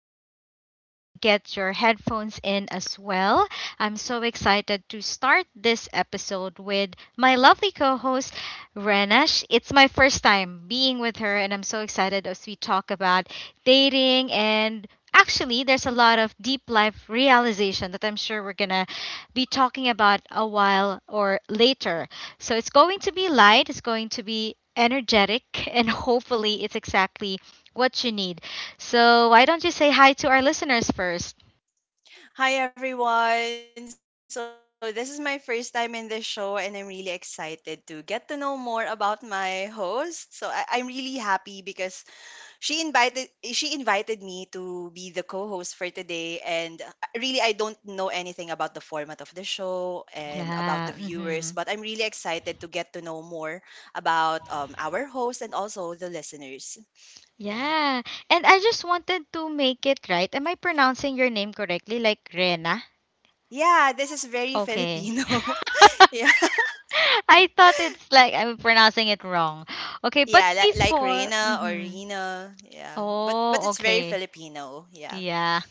phones ready, get your headphones in as well. I'm so excited to start this episode with my lovely co host, Renash. It's my first time being with her, and I'm so excited as we talk about dating and actually, there's a lot of deep life realization that I'm sure we're going to be talking about a while or later. So it's going to be light, it's going to be energetic, and hopefully it's exactly what you need. So why don't you say hi to our listeners first? Hi everyone. So this is my first time in this show and I'm really excited to get to know more about my host. So I'm really happy because she invited she invited me to be the co-host for today, and really I don't know anything about the format of the show and about the Yeah. viewers, but I'm really excited to get to know more about our host and also the listeners. Yeah. Yeah. And I just wanted to make it right. Am I pronouncing your name correctly? Like Rena? Yeah, this is very Okay. Filipino. I thought it's like I'm pronouncing it wrong. Okay, but Yeah, like before, Reina or hmm Rina. Yeah. But Oh, it's very okay. Filipino. Yeah. Yeah.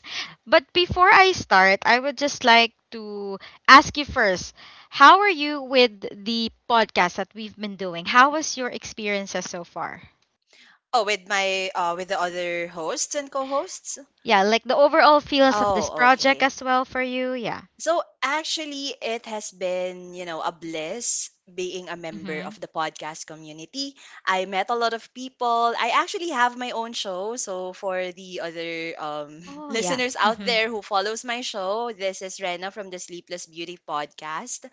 But before I start, I would just like to ask you first, how are you with the podcast that we've been doing? How was your experiences so far? Oh, with the other hosts and co-hosts? Yeah, like the overall feels of this Oh, project okay. as well for you. Yeah. So actually it has been, you know, a bliss being a member Mm-hmm. of the podcast community. I met a lot of people. I actually have my own show, so for the other Oh, yeah. listeners out Mm-hmm. there who follows my show, this is Rena from the Sleepless Beauty podcast.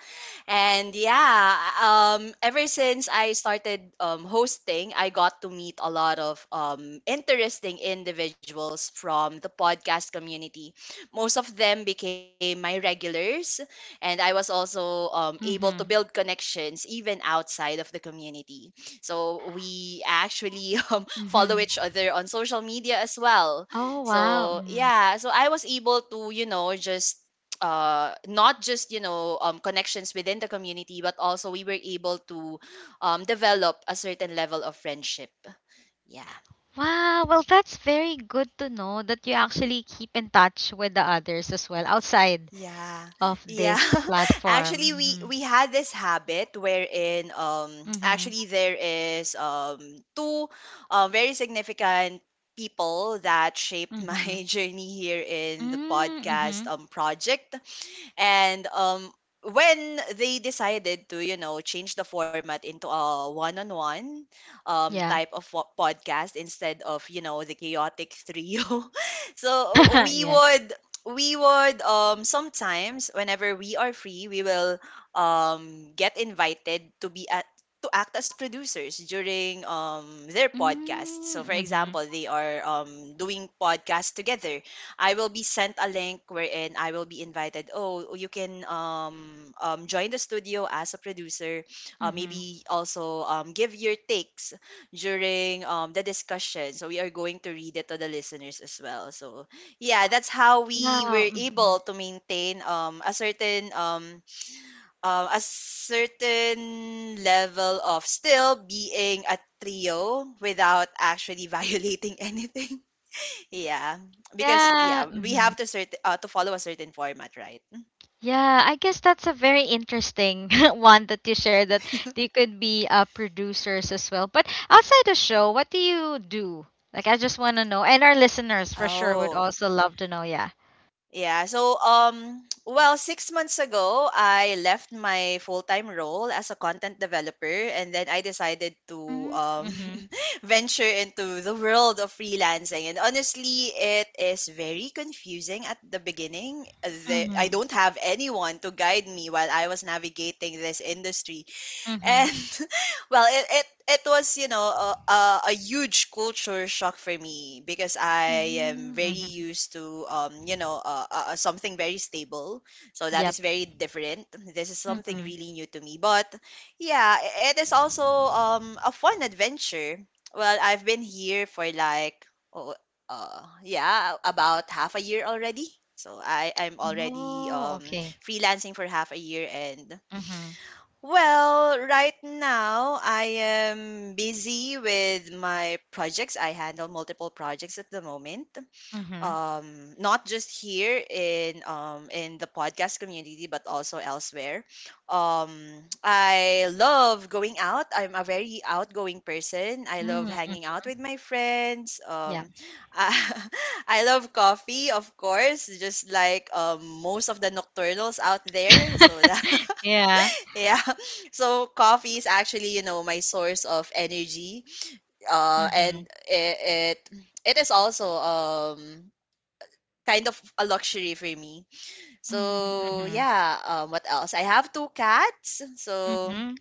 And yeah, ever since I started hosting, I got to meet a lot of interesting individuals from the podcast community. Most of them became my regulars, and I was also able to build Mm-hmm. connections even outside of the community. So we actually follow Mm-hmm. each other on social media as well. Oh, wow. So yeah, so I was able to, you know, just not just connections within the community, but also we were able to develop a certain level of friendship. Yeah. Wow, well, that's very good to know that you actually keep in touch with the others as well outside Yeah. of Yeah. this Actually, we platform. we had this habit wherein Mm-hmm. Mm-hmm. actually there is two very significant people that shaped Mm-hmm. my journey here in the Mm-hmm. podcast project. And when they decided to, you know, change the format into a one-on-one Yeah. type of podcast instead of, you know, the chaotic trio, so we Yeah. would we would sometimes whenever we are free we will get invited to be at to act as producers during their podcast, Mm, so for mhm, example they are doing podcasts together. I will be sent a link wherein I will be invited. Oh, you can join the studio as a producer. Mhm. Maybe also give your takes during the discussion. So we are going to read it to the listeners as well. So yeah, that's how we Wow, were mhm. able to maintain a certain level of still being a trio without actually violating anything, yeah, because Yeah, yeah, we have mhm. To follow a certain format, right? Yeah, I guess that's a very interesting one that you shared that you could be producers as well. But outside the show, what do you do? Like, I just want to know, and our listeners for sure would Oh, also love to know. Yeah. yeah. So, well, 6 months ago, I left my full-time role as a content developer, and then I decided to Mm, Mhm. venture into the world of freelancing. And honestly, it is very confusing at the beginning. I Mhm. don't have anyone to guide me while I was navigating this industry, Mhm. and well it was a huge culture shock for me, because I am Mm, very Mhm. used to something very stable. So that Yep. is very different. This is something Mhm. really new to me, but yeah, it is also a fun adventure. Well, I've been here for like oh yeah, about half a year already. So I'm already Oh, okay. freelancing for half a year. And Mhm. well, right now I am busy with my projects. I handle multiple projects at the moment. Mhm. Not just here in the podcast community, but also elsewhere. Um, I love going out. I'm a very outgoing person. I love Mm, mm. hanging out with my friends. Yep. I love coffee, of course, just like most of the nocturnals out there. So Yeah. yeah. So coffee is actually, you know, my source of energy. And Mhm. it is also kind of a luxury for me. Mm, So mhm. yeah. What else? I have two cats. So Mhm.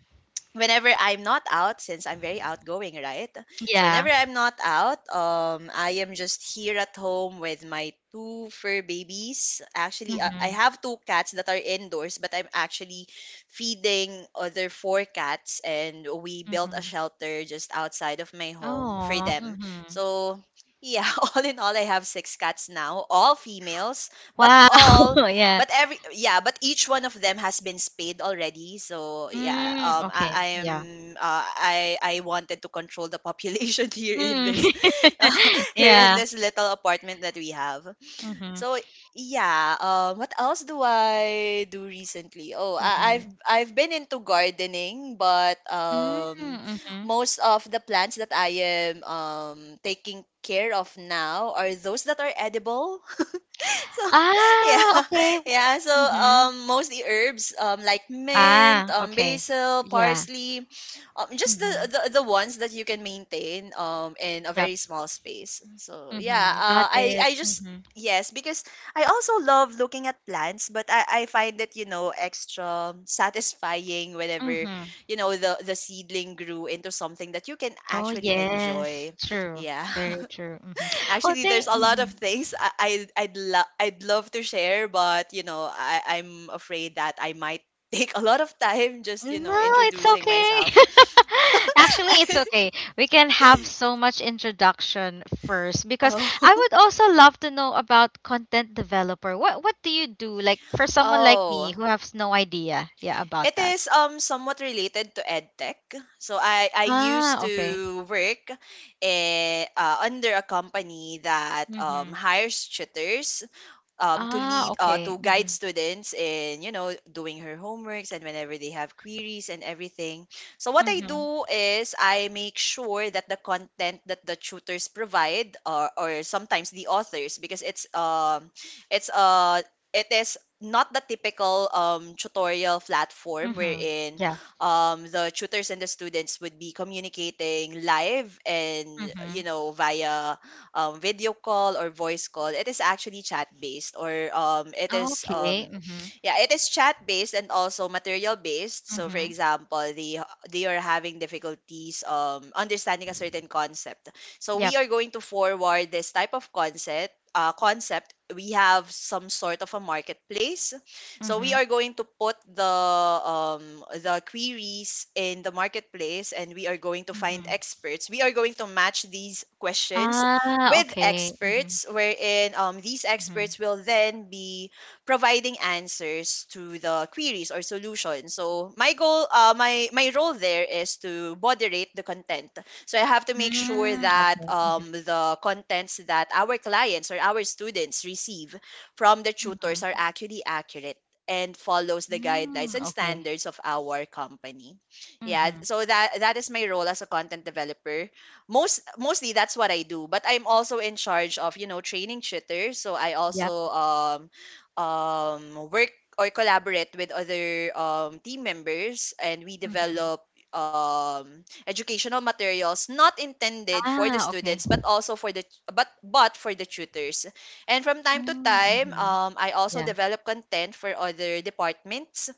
whenever I'm not out, since I'm very outgoing, right? So whenever Yeah. I'm not out, I am just here at home with my two fur babies. Actually, I Mhm. have two cats that are indoors, but I'm actually feeding other four cats, and we built a Mhm. shelter just outside of my home for Oh, them. mhm. So. Yeah, all in all, I have six cats now, all females, but Wow. all Yeah. but every yeah, but each one of them has been spayed already. So yeah, Mm, I okay. Yeah. am I wanted to control the population here in Mm. this here in Yeah. this little apartment that we have. Mhm. So yeah, what else do I do recently? Oh, I, I've Yeah. I've been into gardening, but Mm, mhm. most of the plants that I am taking care of now are those that are edible. So Ah, yeah, okay. Wo yeah, so mhm. Mostly herbs, like mint, Ah, okay. basil, Yeah. parsley, just the, Mhm. the ones that you can maintain in a Yep. very small space. So yeah, Mhm. Got it. I just Mhm. yes because I also love looking at plants, but I find it extra satisfying whenever Mhm. the seedling grew into something that you can Oh, actually yes. enjoy. True. Yeah. Very true. Mhm. Oh, Actually, there's thank a lot of mhm. things I, I'd, lo- I'd love to share, but I'm afraid that I might take a lot of time just No, it's introducing okay. myself. Actually, it's okay. We can have so much introduction first because Oh, I would also love to know about content developer. What do you do? Like for someone like me oh, who has no idea, yeah, about it that. is somewhat related to edtech. So I used Ah, okay. to work under a company that Mm-hmm. hires tutors, Ah, okay. to guide Mm-hmm. students in doing her homeworks and whenever they have queries and everything. So what I Mm-hmm. do is I make sure that the content that the tutors provide, or sometimes the authors, because it's uh it is not the typical tutorial platform, Mm-hmm. wherein Yeah. The tutors and the students would be communicating live and, Mm-hmm. you know, via video call or voice call. It is actually chat based, or it is Okay. Mm-hmm. yeah, it is chat based and also material based. So for Mm-hmm. example, they are having difficulties understanding a certain concept. So we Yep. are going to forward this type of concept. Concept, we have some sort of a marketplace, so we Mm-hmm. are going to put the queries in the marketplace, and we are going to find Mm-hmm. experts. We are going to match these questions Ah, with okay. Mm-hmm. experts, wherein these Mm-hmm. experts will then be providing answers to the queries or solutions. So my goal, my my role there is to moderate the content. So I have to make sure Mm, that okay. Mm-hmm. The contents that our clients or our students receive from the tutors are Mm-hmm. actually accurate and follows the guidelines Mm, and okay. standards of our company. Yeah, Mhm. so that is my role as a content developer. Mostly that's what I do. But I'm also in charge of, you know, training tutors, so I also Yep. Work or collaborate with other team members, and we Mhm. develop educational materials, not intended for the Ah, okay. students, but also for the tutors. And from time to Mm, time, mhm. I also Yeah. develop content for other departments,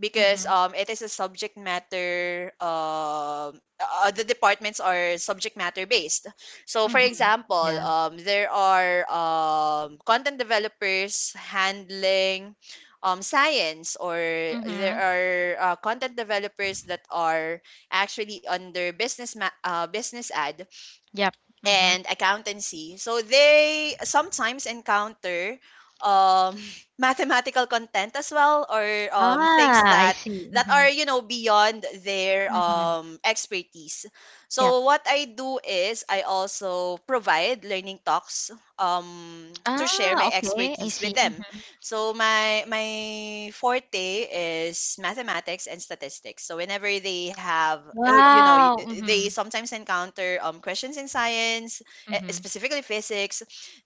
because Mhm. It is a subject matter, the departments are subject matter based. So for Mhm. example, Yeah. There are content developers handling science, or there Mhm. are content developers that are actually under business ad Yep. Mhm. and accountancy. So they sometimes encounter um, mathematical content as well, or Ah, things I that see. that are Mhm. Beyond their Mhm. Expertise. Yep. So what I do is I also provide learning talks, um, to share Ah, my okay. I expertise see. with them. Mhm. So my forte is mathematics and statistics. So whenever they have Wow. They Mhm. sometimes encounter questions in science, Mhm. specifically physics,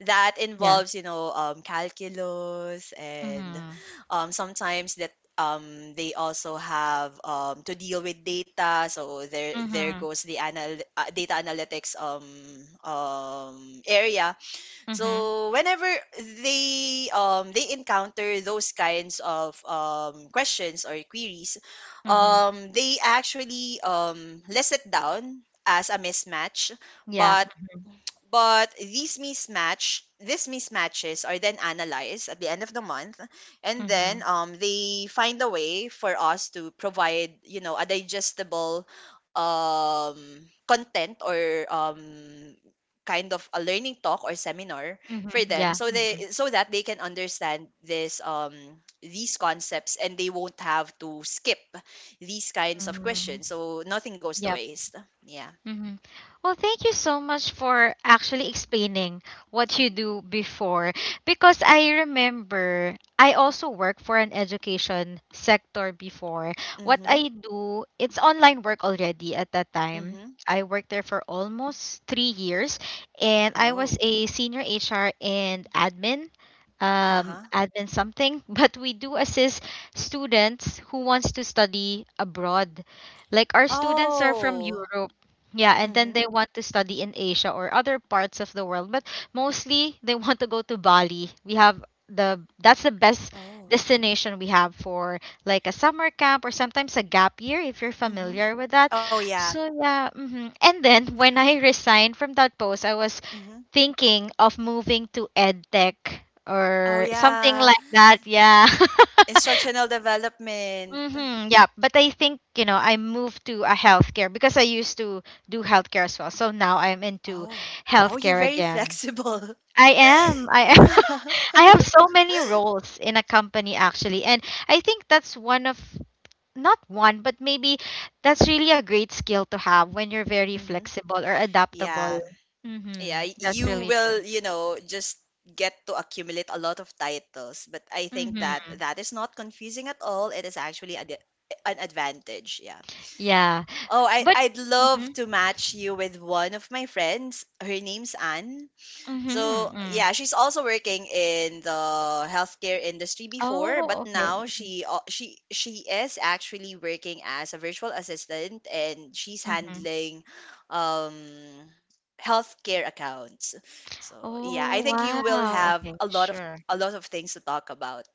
that Yeah. involves calculus, and Mhm. Sometimes that they also have to deal with data, so there Mhm. goes the data analytics area. Mhm. So whenever they encounter those kinds of questions or queries, Mhm. They actually list it down as a mismatch, Yeah. but but these mismatches are then analyzed at the end of the month, and then Mhm. They find a way for us to provide, you know, a digestible um, content, or um, kind of a learning talk or seminar for Mhm. them, Yeah. so Mhm. they, so that they can understand this these concepts and they won't have to skip these kinds of Mhm. questions. So nothing goes to Yeah. waste. Yeah. hmm Well, thank you so much for actually explaining what you do before. Because I remember I also work for an education sector before. What Mm-hmm. I do, it's online work already at that Mm-hmm. time. I worked there for almost 3 years and I was Oh. a senior HR and admin. Uh-huh. Admin something, but we do assist students who wants to study abroad. Like our students are from Oh. Europe, yeah, and then Mhm. they want to study in Asia or other parts of the world, but mostly they want to go to Bali. We have the that's the best Oh. destination we have for like a summer camp or sometimes a gap year if you're Mhm. familiar with that. Oh, yeah. So yeah, and then when I resigned from that post, I was Mhm. thinking of moving to EdTech Oh, or something yeah. like that. Yeah. Instructional development. Mm-hmm. Yeah, but I think you know I moved to a healthcare because I used to do healthcare as well. So now I'm into Oh. Oh, you're healthcare very again. flexible. I am. I am. Yeah. I have so many roles in a company actually, and I think that's one of, not one, but maybe that's really a great skill to have when you're very Hmm. flexible or adaptable. Yeah. Yeah. Mm-hmm. y- That's You really will, true. Just get to accumulate a lot of titles. But I think that Mm-hmm. that is not confusing at all. It is actually an advantage. Yeah. Yeah, Oh, but. I'd Mm-hmm. love to match you with one of my friends. Her name's Anne. So Mm-hmm. Mm. yeah, she's also working in the healthcare industry before, but Oh, okay. now she al- she is actually working as a virtual assistant and she's Mm-hmm. handling um healthcare accounts. So yeah, Oh, I think you will wow. have Okay, sure. a lot of things to talk about.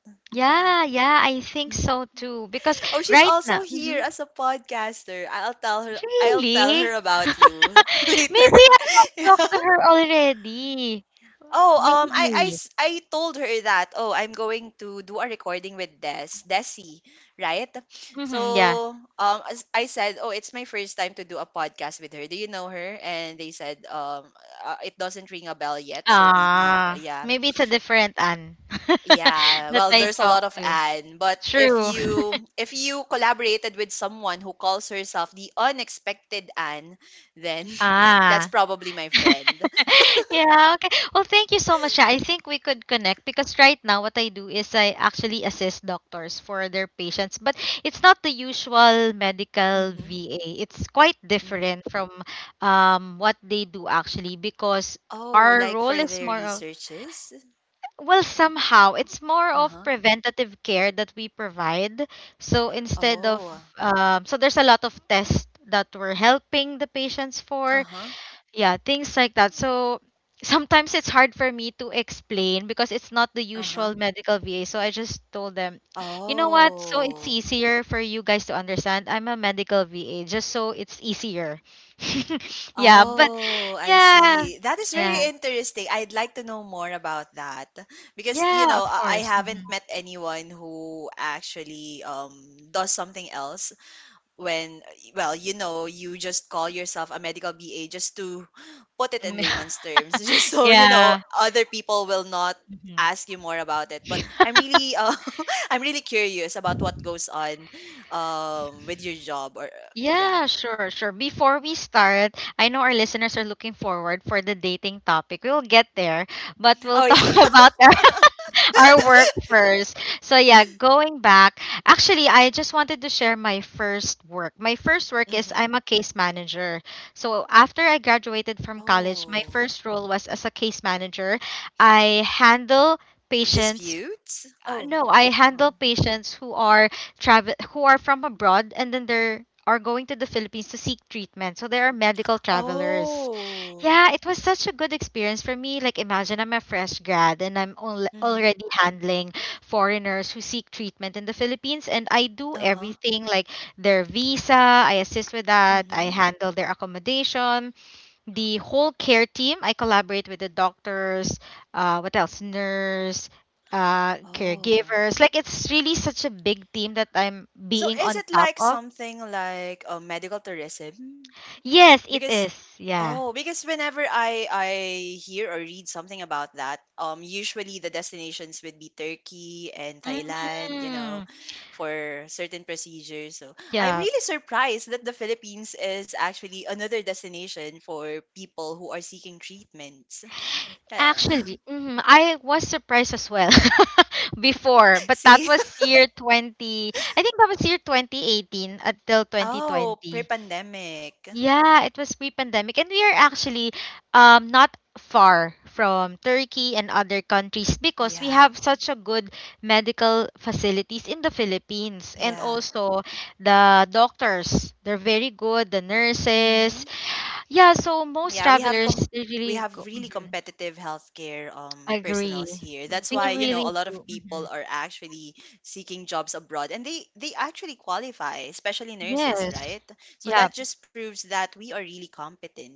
Yeah. Yeah, yeah, I think so too. Because Oh, she's right also now, here hmm as a podcaster. I'll tell her really? about you later. Maybe I have talked to her already. Oh, Maybe. I told her that, oh, I'm going to do a recording with Desi, right? Mm-hmm, yeah. So, as I said, oh, it's my first time to do a podcast with her. Do you know her? And they said, it doesn't ring a bell yet. So maybe, Ah, yeah, maybe it's a different Anne yeah. that Well, I there's a lot talked of to. Anne, but True. If you collaborated with someone who calls herself the unexpected Anne, then that's Ah. probably my friend. Yeah, okay. Well, thank you so much. Sha. I think we could connect because right now what I do is I actually assist doctors for their patients, but it's not the usual medical Hmm VA. It's quite hmm different from what they do actually because Oh, our like role for is their more of, researches? well, somehow it's more of Uh-huh. preventative care that we provide. So instead of Oh. So there's a lot of tests that we're helping the patients for, Uh-huh. yeah, things like that. So sometimes it's hard for me to explain because it's not the Uh-huh. usual medical va, so I just told them, you know what, so it's Oh. easier for you guys to understand, I'm a medical va, just so it's easier. Yeah, but Oh, I yeah, see. That is yeah, very interesting. I'd like to know more about that because you yeah, know, of I course. Haven't met anyone who actually does something else when well you know you just call yourself a medical ba just to put it in layman's terms just so you know Yeah. other people will not Mhm. ask you more about it but I'm really I'm really curious about what goes on with your job or yeah. Yeah, sure, sure. Before we start, I know our listeners are looking forward for the dating topic. We'll get there, but Oh we'll yeah. talk about our our work first. So yeah, going back, actually I just wanted to share my first work. My first work is hmm I'm a case manager. So after I graduated from college, my oh first role was as a case manager. I handle patients, disputes. Oh. no, I handle um, patients who are travel, who are from abroad and then they're are going to the Philippines to seek treatment. So there are medical travelers. oh Yeah, it was such a good experience for me. Like imagine I'm a fresh grad and I'm al- mm-hmm. already handling foreigners who seek treatment in the Philippines and I do uh-huh everything like their visa, I assist with that, mm-hmm. I handle their accommodation, the whole care team. I collaborate with the doctors, what else, nurse, oh caregivers. Like it's really such a big team that I'm so being is on it top like of. something like medical tourism? Yes, it Because is. Yeah. oh, because whenever I hear or read something about that, usually the destinations would be Turkey and Thailand, you hmm know, for certain procedures. So I'm Yeah. really surprised that the Philippines is actually another destination for people who are seeking treatments. Uh, Actually, mhm, I was surprised as well before, but that See? was year 20. I think that was year 2018 until Oh, 2020. pre-pandemic. Yeah, it was pre-pandemic, and we are actually not far from Turkey and other countries because we Yeah, have such a good medical facilities in the Philippines, and yeah. also the doctors, they're very good, the nurses. Mm-hmm. Yeah, so most Yeah, travelers they we really have go, really Mhm. competitive healthcare Agree. personals here. That's We why, you really know, a lot of do. people Mhm. are actually seeking jobs abroad and they actually qualify, especially nurses, Yes. right? So Yeah. that just proves that we are really competent.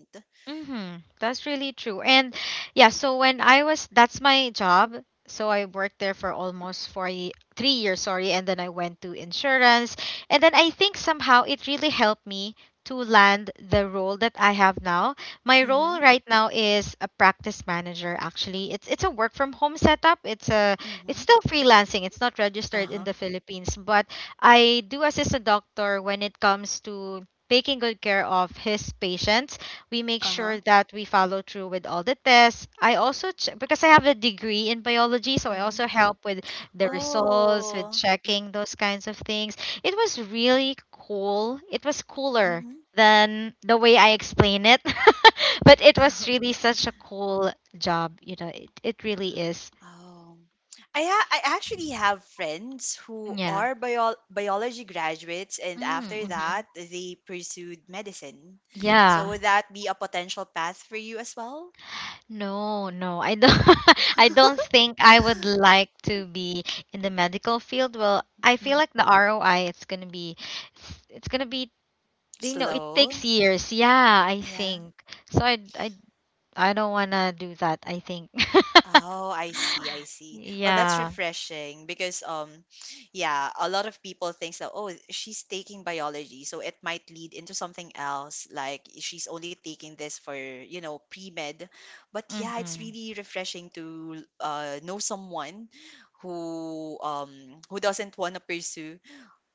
Mm-hmm. That's really true. And yeah, so when I was, that's my job. So I worked there for almost 3 years, sorry. And then I went to insurance. And then I think somehow it really helped me to land the role that I have now. My role Mhm. right now is a practice manager, actually. It's a work from home setup. It's a Mhm. it's still freelancing. It's not registered in Uh-huh. the Philippines, but I do assist a doctor when it comes to taking good care of his patients. We make Uh-huh. sure that we follow through with all the tests. I also check because I have a degree in biology, so I Mhm. also help with the Oh. results, with checking those kinds of things. It was really cool. It was cooler Mm-hmm. than the way I explain it, but it was really such a cool job. You know, it really is. Oh, I actually have friends who Yeah. are biology graduates, and Mm, after Mm-hmm. that, they pursued medicine. So Yeah. would that be a potential path for you as well? No, no, I don't. I don't think I would like to be in the medical field. Well, I feel like the ROI it's gonna be, you know, it takes Slow, years. Yeah, I yeah. think. So I don't wanna do that. I think. Oh, I see, I see. Well, that's Yeah. refreshing because yeah, a lot of people thinks that oh, she's taking biology, so it might lead into something else like she's only taking this for, you know, pre-med. But yeah, it's Mm-hmm. really refreshing to know someone who doesn't want to pursue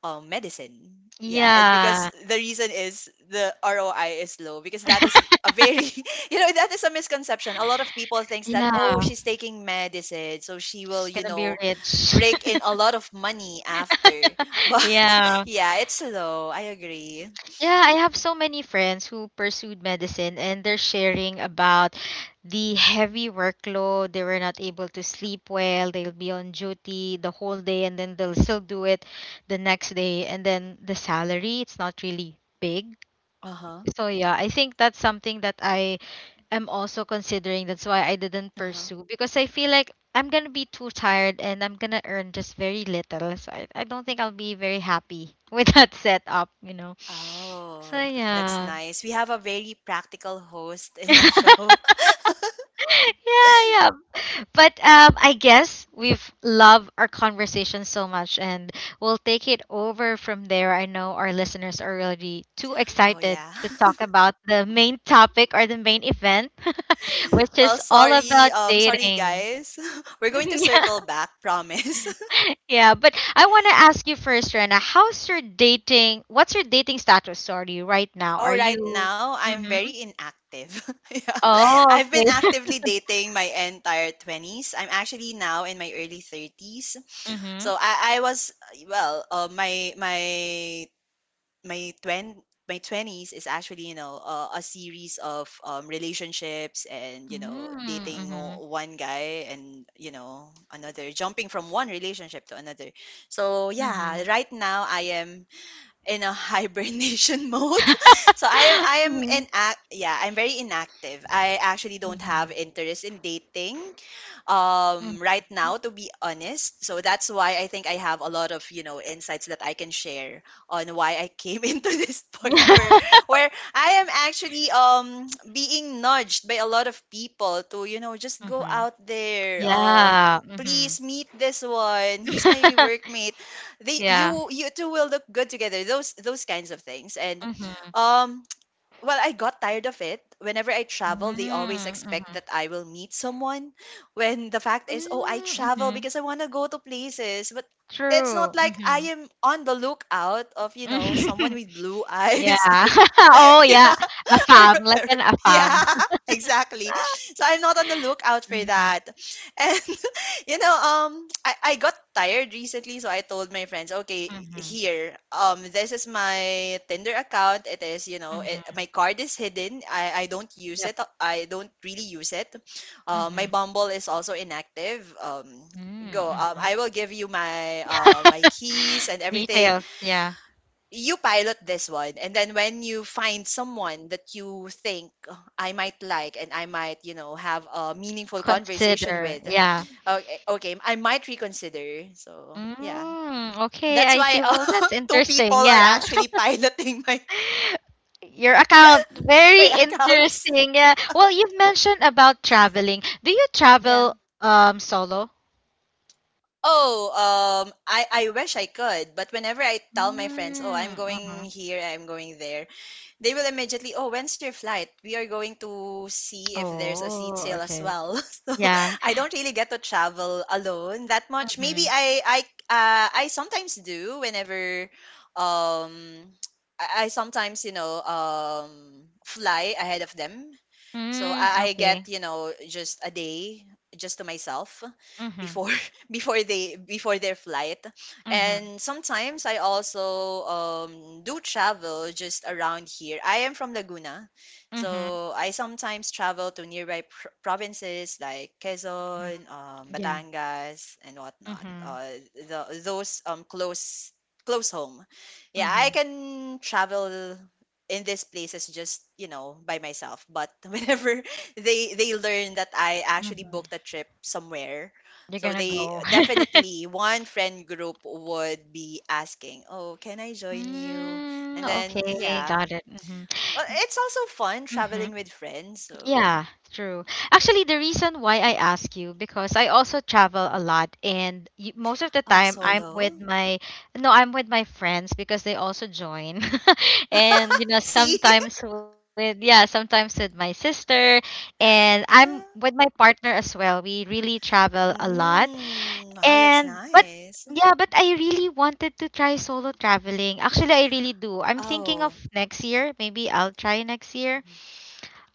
medicine. Yeah, and because Yeah. the reason is the ROI is low because that is a very you know that is a misconception. A lot of people thinks that oh Yeah. she's taking medicine so she will She's you gonna be know rich. rake in a lot of money after. But Yeah. yeah, it's low. I agree. Yeah, I have so many friends who pursued medicine and they're sharing about the heavy workload. They were not able to sleep well. They'll be on duty the whole day and then they'll still do it the next day. And then the salary, it's not really big. Uh huh. So yeah, I think that's something that I am also considering. That's why I didn't Uh huh. pursue because I feel like I'm gonna be too tired and I'm gonna earn just very little. So I don't think I'll be very happy with that setup, you know. So Oh, that's yeah. nice. We have a very practical host in the Yeah, show. yeah. But I guess we've loved our conversation so much, and we'll take it over from there. I know our listeners are really too Oh excited yeah. to talk about the main topic or the main event, which Well, is all sorry, about sorry dating. guys. We're going to Yeah, circle back, promise. yeah. But I want to ask you first, Rena. How's your dating? What's your dating status? Sorry, right now, Oh, are right you? now, I'm Mm-hmm. very inactive. Yeah. Oh, I've been okay. actively dating my entire 20s. I'm actually now in my early 30s. Mm-hmm. So I was, well, my twen, my 20s is actually, you know, a series of relationships and, you know, Mm-hmm. One guy and, you know, another, jumping from one relationship to another. So, yeah, Mm-hmm. right now I am in a hibernation mode. I am in yeah, I'm very inactive. I actually don't Mm-hmm. have interest in dating Mhm. right now to be honest. So that's why I think I have a lot of, you know, insights that I can share on why I came into this Mhm. point where I am actually being nudged by a lot of people to, you know, just go out there. Yeah. Mhm. Please meet this one. He's my workmate. They Yeah. You two will look good together. Those kinds of things. And Mhm. uh, well, I got tired of it. Whenever I travel, they always Mm, expect Mhm. that I will meet someone. When the fact is, oh, I Mm, travel Mhm. because I want to go to places, but it's not True. like I Mhm. am on the lookout of, you know, someone with blue Yeah. eyes and Oh, yeah. A or farm, like an a yeah, farm. Afam. exactly. So I'm not on the lookout for Mhm. that. And you know, I got tired recently, so I told my friends, okay, Mhm. here, this is my Tinder account. It is, you know, Mhm. my card is hidden. I don't use Yep. it. I don't really use it. My Mhm. Bumble is also inactive. Mm, Go. Mhm. I will give you my my keys and everything. Details, yeah. You pilot this one and then when you find someone that you think "Oh, I might like and I might you know have a meaningful conversation Consider, with yeah. okay, okay I might reconsider. So yeah, Mm, okay, that's I see. why Well, that's two people interesting. are Yeah. actually piloting my Your account, my very accounts. interesting. Yeah. Well, you've mentioned about traveling. Do you Yeah. travel solo? Oh I wish I could but whenever I tell my friends oh I'm Mm, going hmm. here I'm going there they will immediately, oh, when's your flight? We are going to see if there's a seat Oh, sale as okay. well. So Yeah. I don't really get to travel alone that much. Maybe Mm-hmm. I sometimes do whenever um I sometimes you know fly ahead of them so Mm, I okay. get, you know, just a day just to myself Mm-hmm. before before their flight. Mm-hmm. And sometimes I also do travel just around here. I am from Laguna. Mm-hmm. So I sometimes travel to nearby provinces like Hmm. Quezon, Yeah. Batangas, and whatnot. Mm-hmm. Those close close home. Yeah, I Mm-hmm. can travel in these places just you know by myself but whenever they learn that I actually Mm-hmm. booked a trip somewhere You're so gonna they go. definitely one friend group would be asking oh can I join you Mm, and then okay, yeah got it. Mm-hmm. well it's also fun Mm-hmm. traveling with friends so. Yeah, true. Actually, the reason why I ask you because I also travel a lot and y most of the Oh time I'm solo. with my, no, I'm with my friends because they also join. And you know, See. sometimes with, yeah, sometimes with my sister and I'm with my partner as well. We really travel a lot. Mm, wow that's And but nice. yeah, but I really wanted to try solo traveling. Actually, I really do. I'm thinking of Oh. next year. Maybe I'll try next year.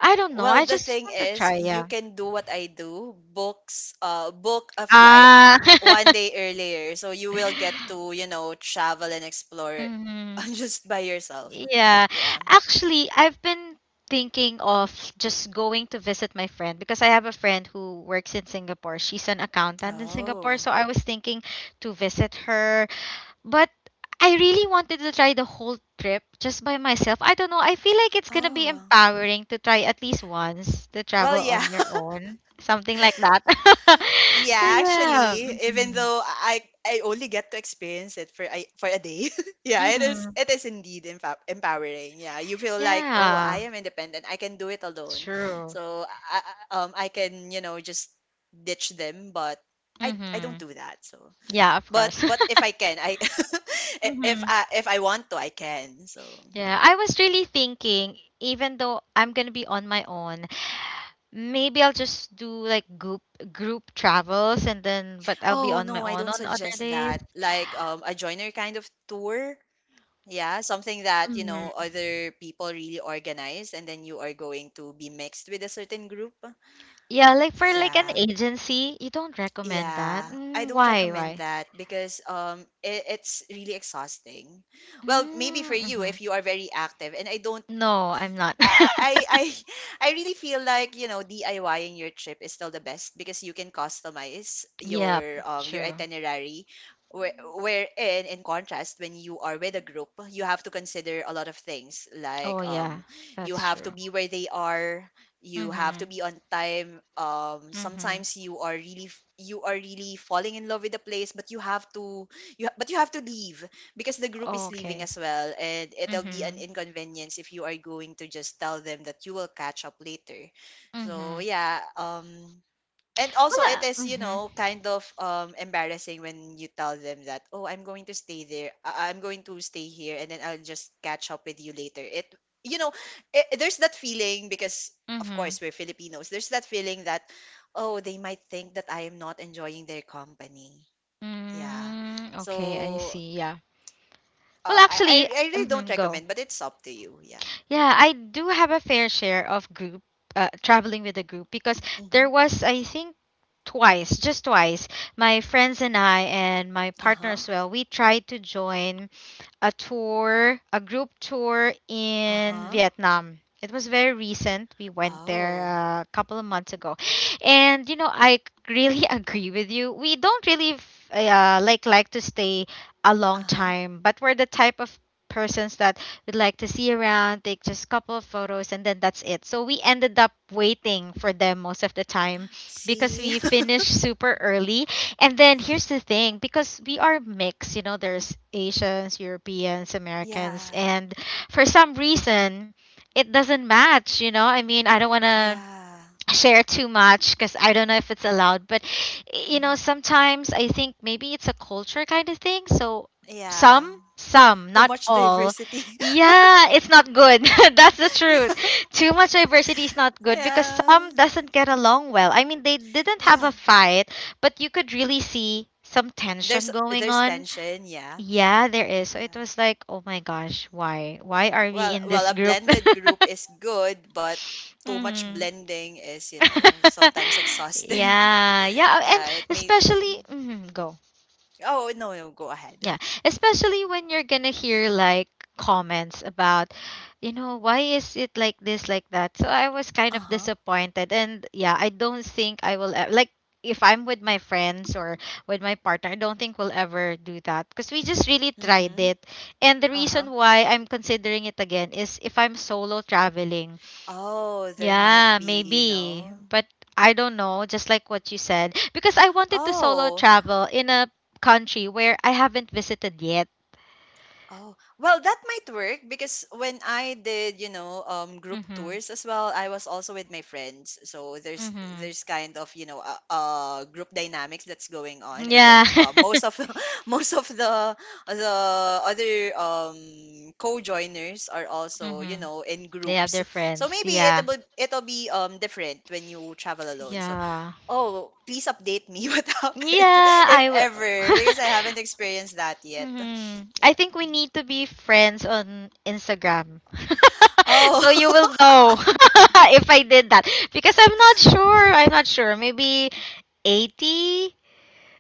I don't know. Well, I the just thing want to is, try, yeah. you can do what I do, book a flight Ah. one day earlier, so you will get to, you know, travel and explore Mhm. just by yourself. Yeah. Yeah. Actually, I've been thinking of just going to visit my friend because I have a friend who works in Singapore. She's an accountant in Singapore, Oh. so I was thinking to visit her. But I really wanted to try the whole trip just by myself. I don't know. I feel like it's gonna be Oh. empowering to try at least once to Well, travel yeah. on your own, something like that. So Yeah, yeah. actually, even Hmm. though I only get to experience it for I for a day, yeah, Hmm. it is indeed empowering. Yeah, you feel like oh, Yeah. I am independent. I can do it alone. True. So I, I can you know just ditch them, but I don't Mhm. do that. So, Yeah, of course. but if I can, I I- if Mhm. I if I want to, I can. So, Yeah, I was really thinking even though I'm going to be on my own, maybe I'll just do like group travels and then but I'll be oh on my no, I own don't on other suggest days. that. Like a joiner kind of tour. Yeah, something that, you know, Mhm. other people really organize and then you are going to be mixed with a certain group. Yeah, like for like an Yeah. agency, you don't recommend that. Yeah. I Mm, don't why? recommend Why? that because it's really exhausting. Well, maybe for Mm, you mhm. if you are very active and I don't No, I'm not. I I really feel like you know DIYing your trip is still the best because you can customize Yep, your true. itinerary. Where, Mhm. wherein in contrast when you are with a group you have to consider a lot of things like Oh yeah, you that's have to true. be where they are you have to Mhm. be on time Mhm. sometimes you are really you are really falling in love with the place but you have to you ha- but you have to leave because the group is leaving Okay. as well and it'll be an Mhm. inconvenience if you are going to just tell them that you will catch up later so Mhm. yeah and also it Well, is you mhm, know kind of embarrassing when you tell them that oh I'm going to stay here and then I'll just catch up with you later it you know there's that feeling because of mhm. course we're filipinos there's that feeling that oh they might think that I am not enjoying their company yeah Mm, okay, I so see. Yeah. Well, uh, I, I actually, I really don't mhm, go. recommend, but it's up to you. Yeah. Yeah, I do have a fair share of group traveling with a group because Mm-hmm. there was, I think, twice, just twice, my friends and I and my partner Uh-huh. as well, we tried to join a tour, a group tour in Uh-huh. Vietnam. It was very recent. We went there Oh. A couple of months ago. And you know, I really agree with you. We don't really like to stay a long Uh-huh. time, but we're the type of persons that we'd like to see around, take just a couple of photos, and then that's it. So we ended up waiting for them most of the time because See? we finished super early. And then here's the thing because we are mixed, you know, there's Asians, Europeans, Americans, Yeah. and for some reason, it doesn't match, you know. I mean, I don't want to Yeah. share too much because I don't know if it's allowed, but you know, Mm-hmm. sometimes I think maybe it's a culture kind of thing. So Yeah. some, some, Too not much all. diversity. Yeah, it's not good. That's the truth. Too much diversity is not good because Yeah. some doesn't get along well. I mean, they didn't Yeah. have a fight, but you could really see some There's tension going there's on. tension, yeah. Yeah, there is. So it was like, oh my gosh, why? Why are we Well, in well, this a group? blended group is good, but too much Hmm. blending is, you know, sometimes exhausting. Yeah, yeah, and Yeah, it need. especially mhm, go. Oh, no, no, go Yeah, ahead. especially when you're gonna hear like comments about, you know, why is it like this, like that. So I was kind of Uh-huh. disappointed, and yeah, I don't think I will ever, like if I'm with my friends or with my partner, I don't think we'll ever do that because we just really tried Mhm. it. And the Uh-huh. reason why I'm considering it again is if I'm solo traveling, Oh, there might yeah, be, you maybe. know. But I don't know, just like what you said, because I wanted to solo Oh, travel in a country where I haven't visited yet. oh. Well, that might work because when I did, group Mhm. tours as well, I was also with my friends. So there's Mhm. there's kind of, group dynamics that's going on, and Yeah. then most of most of the other co-joiners are also, you Mhm. know, in They have groups. their So friends. maybe Yeah. it'll be different when you travel alone. So, Yeah. oh, please update me what happened, Yeah, if I will. ever, because I haven't experienced that yet. Mhm. I think we need to be friends on Instagram. So you Oh. will know if I did that because I'm not sure. I'm not sure. Maybe 80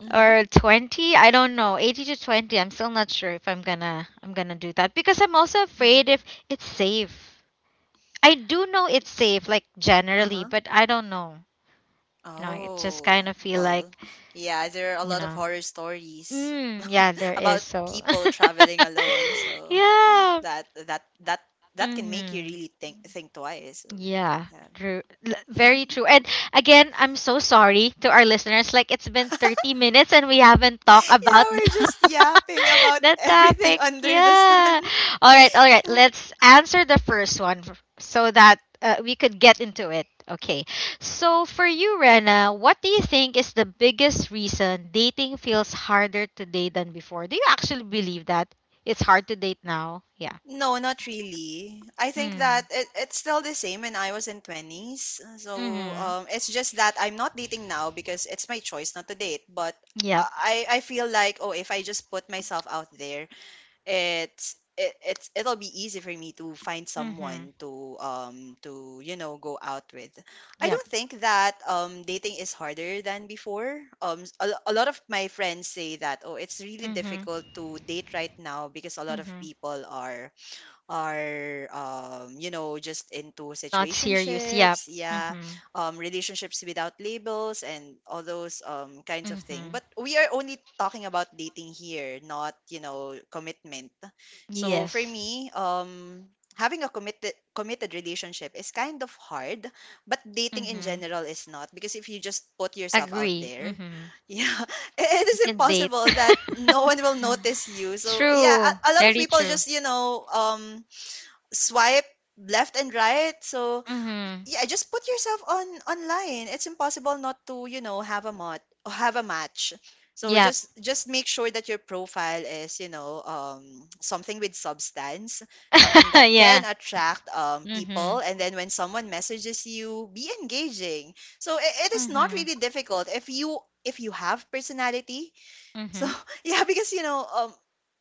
Mm-hmm. or 20, I don't know, 80 to 20. I'm still not sure if I'm gonna do that because I'm also afraid Mm-hmm. if it's safe. I do know it's safe like generally, Uh-huh. but I don't know. You know, it just kind Oh, of feel like, well, yeah, there are a you lot of know, horror stories mm, yeah there is. about So people traveling alone, so yeah. that that that that can make you Hmm. really think twice. So, Yeah, yeah. true. Very true. And again, I'm so sorry to our listeners. Like it's been 30 minutes and we haven't talked Yeah, about the, we're just yapping about the everything topic. under the sun. Yeah. All right, all right. Let's answer the first one so that we could get into it. Okay. So for you, Rena, what do you think is the biggest reason dating feels harder today than before? Do you actually believe that it's hard to date now? Yeah. No, not really. I think that Hmm. It's still the same when I was in twenties. So Mhm. It's just that I'm not dating now because it's my choice not to date. But Yep. I feel like, oh, if I just put myself out there, it's it, it's it'll be easy for me to find Mhm. someone to go out with. I Yep. don't think that dating is harder than before. A lot of my friends say that, oh, it's really Mm-hmm. difficult to date right now because a lot of Mm-hmm. people are just into Not serious. Yep. situationships, yeah, Mm-hmm. Relationships without labels and all those kinds of thing, Mm-hmm. but we are only talking about dating here, not, you know, commitment. So for Yes. me, having a committed relationship is kind of hard, but dating in Mm-hmm. general is not, because if you just put yourself out Agree. there Mm-hmm. yeah, it You is can date. impossible that no one will notice you. So yeah, True. a lot of Very people true. just, you know, swipe left and right. So Mm-hmm. yeah, just put yourself on online. It's impossible not to, you know, have a match. So Yep. Just make sure that your profile is, you know, something with substance, something that can Yeah. attract, people, Mm-hmm. and then when someone messages you, be engaging. So it is not Mm-hmm. really difficult if you have personality, so Mm-hmm. yeah, because you know,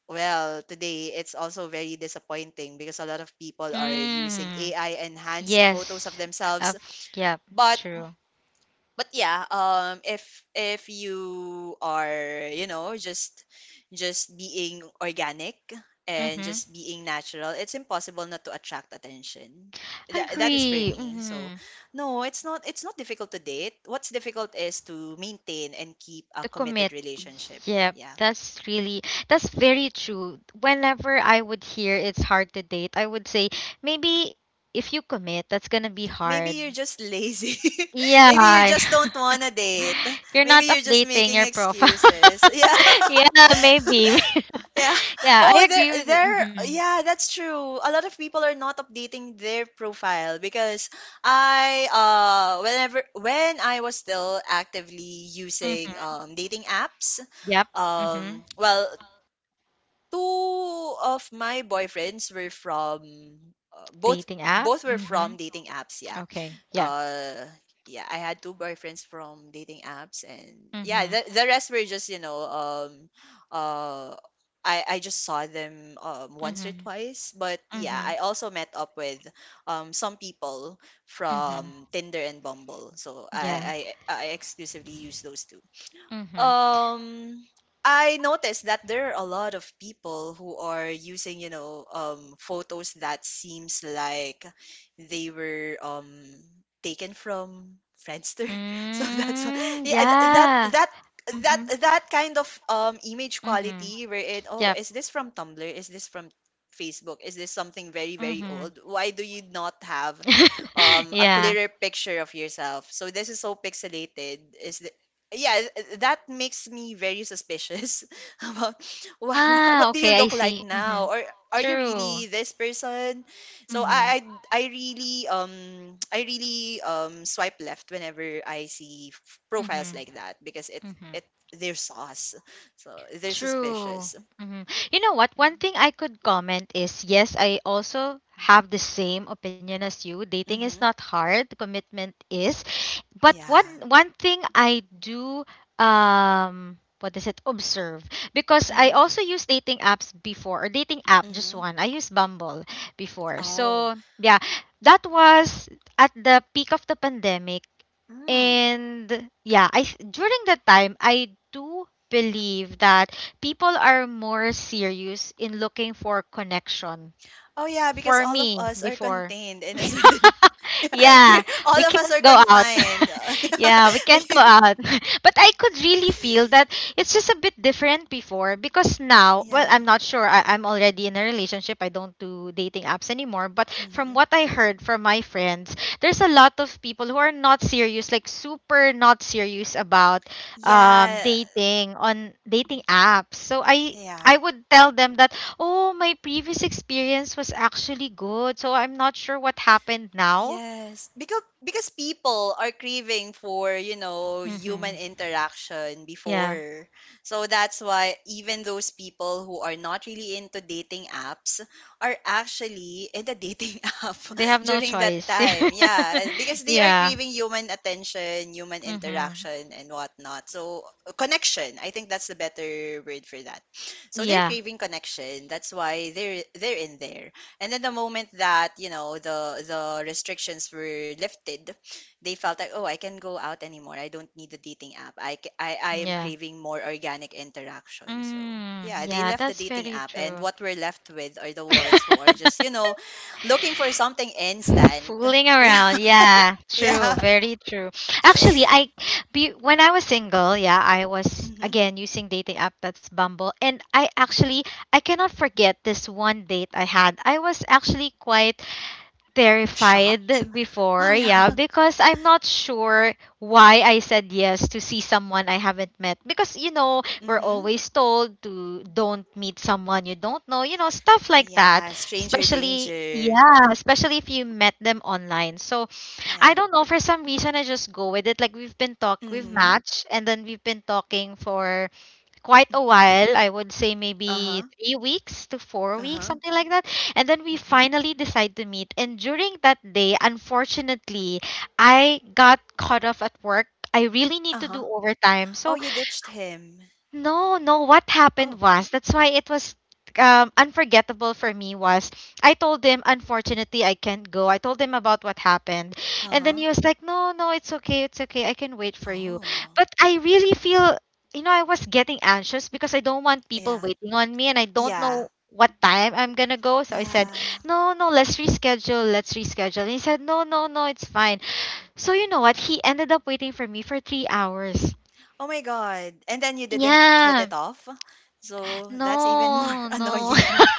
well, today it's also very disappointing because a lot of people are using Mm. AI enhanced photos of Yes. themselves. Of. Yep. But True. but yeah, if you are you know just being organic and Mm-hmm. just being natural, it's impossible not to attract attention. That is for Agree. me. So Mm-hmm. no, it's not difficult to date. What's difficult is to maintain and keep a To committed commit. relationship. Yeah, Yeah. that's really that's very true. Whenever I would hear it's hard to date, I would say maybe if you commit, that's gonna be Maybe hard. you're just lazy. Maybe you Yeah. just don't want to date. You're Maybe not you're just updating making your profile. excuses. Yeah. Yeah, maybe. Yeah. Yeah, I Oh, agree with you. there. Mhm. Yeah, that's true. A lot of people are not updating their profile because whenever when I was still actively using Mhm. Dating apps, Yep. Mhm. um, well, two of my boyfriends were from, uh, both Dating app. both were Mhm. from dating apps. Yeah, Okay. Yeah. uh yeah, I had two boyfriends from dating apps. And yeah, Mhm. The rest were just, you know, uh I just saw them, once or Mhm. twice, but yeah, Mhm. I also met up with some people Mhm. from Tinder and Bumble. So Yeah. I exclusively use those two. Mhm. um I noticed that there are a lot of people who are using, you know, photos that seems like they were taken from Friendster. So Mm, yeah, yeah. That Mhm. that kind of image Mhm. quality where it, oh, Yep. is this from Tumblr? Is this from Facebook? Is this something very very Mhm. old? Why do you not have a Yeah. clearer picture of yourself? So this is so pixelated. Yeah, that makes me very suspicious about what, Ah, what do you okay, I look like see. now, Mhm. or are you True. really this person? So Mhm. I really I really swipe left whenever I see profiles Mhm. like that because it Mhm. it they're sauce, so they're True. suspicious. Mhm. You know what? Yeah. One thing I could comment is yes, I also have the same opinion as you. Dating is Mm-hmm. not hard, commitment is. But Yeah. one thing I do, um, what is it? Observe. Because I Mm-hmm. also use dating apps before, or dating app just Mm-hmm. one. I used Bumble before. Oh. So, yeah, that was at the peak of the pandemic Hmm. and yeah, I during that time I do believe that people are more serious in looking for connection Oh yeah, because for all of me, us are before. contained in a certain. Yeah, Yeah, all we of us are can't go out. confined. Yeah, we can't We- go out. But I could really feel that it's just a bit different before because now, well, yeah. I'm not sure. I'm already in a relationship. I don't do dating apps anymore. But from Hmm. what I heard from my friends, there's a lot of people who are not serious, like super not serious about Yeah. dating on dating apps. So I Yeah. I would tell them that, oh, my previous experience was actually good, so I'm not sure what happened Yeah. now. Because people are craving for, you know, Mm-hmm. human interaction Yeah, before, so that's why even those people who are not really into dating apps are actually in the dating app they have no during that choice. time, yeah, because they are Yeah. craving human attention, human Mm-hmm. interaction, and whatnot. So, connection, I think that's the better word for that. So they're Yeah. craving connection, that's why they're in there. And then the moment that, you know, the restrictions were lifted, they felt like, oh, I can go out anymore. I don't need the dating app. I am Yeah. craving more organic interaction. So, Mm, yeah, they yeah, left the that's dating very app. And true. what we're left with are the ones who are just, you know, looking for something instant. Fooling Yeah. around. Yeah, true, Yeah. very true. Actually, I be when I was single, yeah, I was Hmm. again using dating app, that's Bumble, and I actually, I cannot forget this one date I had. I was actually quite Shocked. terrified Oh, before, yeah. yeah, because I'm not sure why I said yes to see someone I haven't met. Because, you know, we're Hmm. always told to don't meet someone you don't know, you know, stuff like that. Yeah. Stranger Especially, danger. yeah, especially if you met them online. So Yeah. I don't know, for some reason, I just go with it. Like, we've Hmm. matched, and then we've been talking for quite a Hmm. while. I would say Uh maybe huh. 3 weeks to four Uh weeks, huh. something like that. And then we Hmm. finally decide to meet. And during that day, unfortunately, I got caught off at work. I really need Uh to huh. do overtime. Oh, So you ditched him. no, no. What happened Oh, was that's why it was unforgettable for me was I told him unfortunately I can't go. I told him about what happened, and uh-huh. then he was like, "No, no, it's okay, it's okay. I can wait for you." Oh, But I really feel, you know, I was getting anxious because I don't want people yeah. waiting on me, and I don't Yeah. know what time I'm gonna go. So I said, Yeah. "No, no, let's reschedule. Let's reschedule." And he said, "No, no, no, it's fine." So you know what? He ended up waiting for me for 3 hours. Oh my God. And then you didn't hit it Yeah. off. So that's even more No, no. annoying.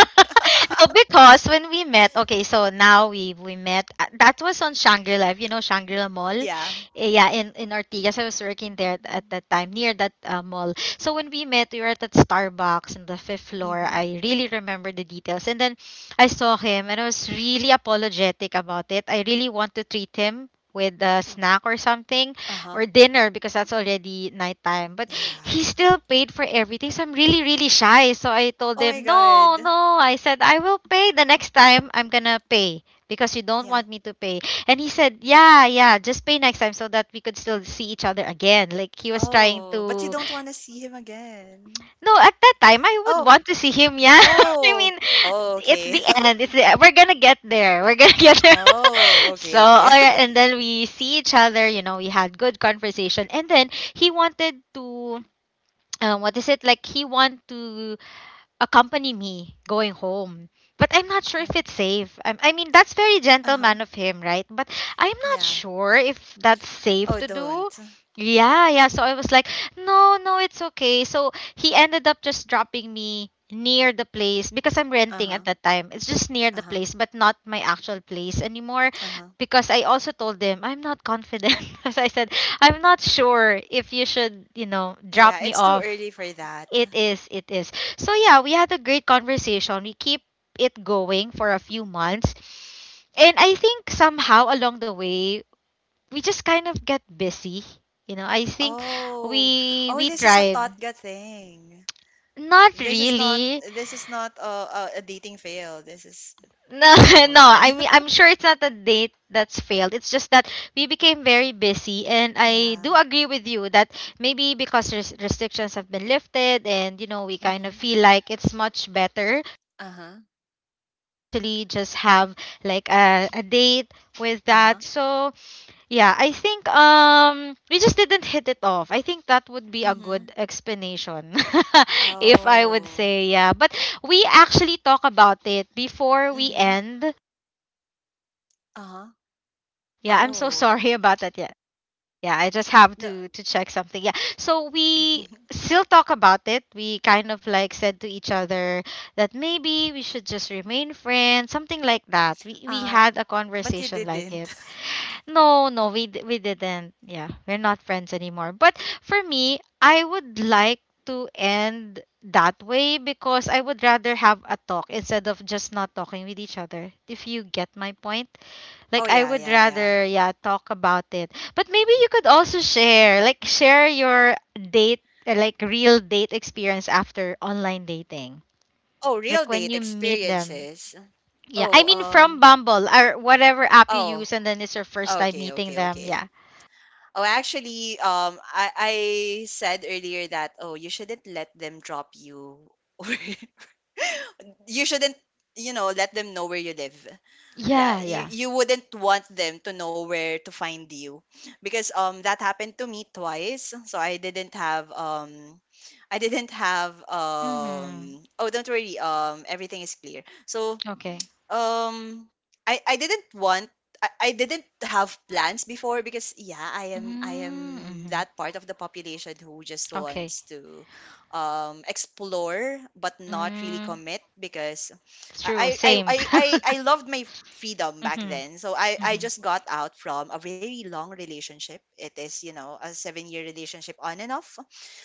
No, because when we met, okay, so now we met. That was on Shangri-La, you know, Shangri-La Mall. Yeah. Yeah, in Ortigas, I was working there at that time near that mall. So when we met, we were at that Starbucks on the fifth floor. Mm-hmm. I really remember the details. And then I saw him, and I was really apologetic about it. I really want to treat him with a snack or something Uh-huh. or dinner because that's already nighttime. But Yeah. he still paid for everything. So I'm really, really shy. So I told Oh my him, no, God. no. I said, I will pay the next time I'm going to pay because you don't Yeah. want me to pay. And he said, yeah, yeah, just pay next time so that we could still see each other again. Like he was trying Oh, but you to, don't want to see him again. no, at that time, I would Oh, want to see him. Yeah. I oh. mean, Oh, it's okay. the end. It's we're going to get there. We're going to get there. Oh, okay, All okay. right. And then we see each other, we had good conversation. And then he wanted to what is it like he want to accompany me going home, but I'm not sure if it's safe. I mean, that's very Uh-huh. gentleman of him, right? But I'm not Yeah. sure if that's safe Oh, to do. don't. Yeah, so I was like, no, it's okay. So he ended up just dropping me near the place because I'm renting at Uh-huh. that time. It's just near the Uh-huh. place, but not my actual place anymore, Uh-huh. because I also told him I'm not confident, as I said, I'm not sure if you should, you know, Yeah, drop me it's too off. early for that. It is, it is. So yeah, we had a great conversation. We keep it going for a few months. And I think somehow along the way, we just kind of get busy. You know, I think Oh. we Oh, we this is a tried. Totga thing. Not This is not really. this is not a a dating fail. This is No, oh no. okay. I mean, I'm sure it's not a date that's failed. It's just that we became very busy, and I Yeah. do agree with you that maybe because restrictions have been lifted, and you know, we kind of Mhm. feel like it's much better Uh-huh. actually just have like a date with Uh-huh. that. So yeah, I think we just didn't hit it off. I think that would be a good Mhm. explanation if I would Oh. say, yeah. But we actually talk about it before we Mhm. end. Uh-huh. Yeah, I'm so Oh. sorry about that. Yeah. Yeah, I just have No. to check something. Yeah, so we still talk about it. We kind of like said to each other that maybe we should just remain friends, something like that. We Uh-huh. had a But you conversation like it. didn't. No, we didn't. Yeah, we're not friends anymore. But for me, I would like to end that way because I would rather have a talk instead of just not talking with each other, if you get my point. Oh Like, I yeah, would yeah, yeah. rather, yeah, talk about it. But maybe you could also share, like share your date, like real date experience after online dating. Oh, real Like when date you meet them. experiences. Yeah. I Oh, mean, from um. Bumble or whatever app you Oh, use, and then it's your first time okay, okay, meeting them. okay. Yeah. Oh, actually, I said earlier that, oh, you shouldn't let them drop you, or you shouldn't, you know, let them know where you live. Yeah, Yeah, yeah. you wouldn't want them to know where to find you, because that happened to me twice. So I didn't have Mhm. Oh, don't worry. Everything is clear. So Okay. um I didn't want I didn't have plans before because yeah, I Mm, am mhm. that part of the population who just Okay. wants to explore but not really Mm, commit because it's true, I I I same. I, I I loved my freedom back Mhm. then. So I Mhm. just got out from a very long relationship. It is, you know, a seven year relationship on and off.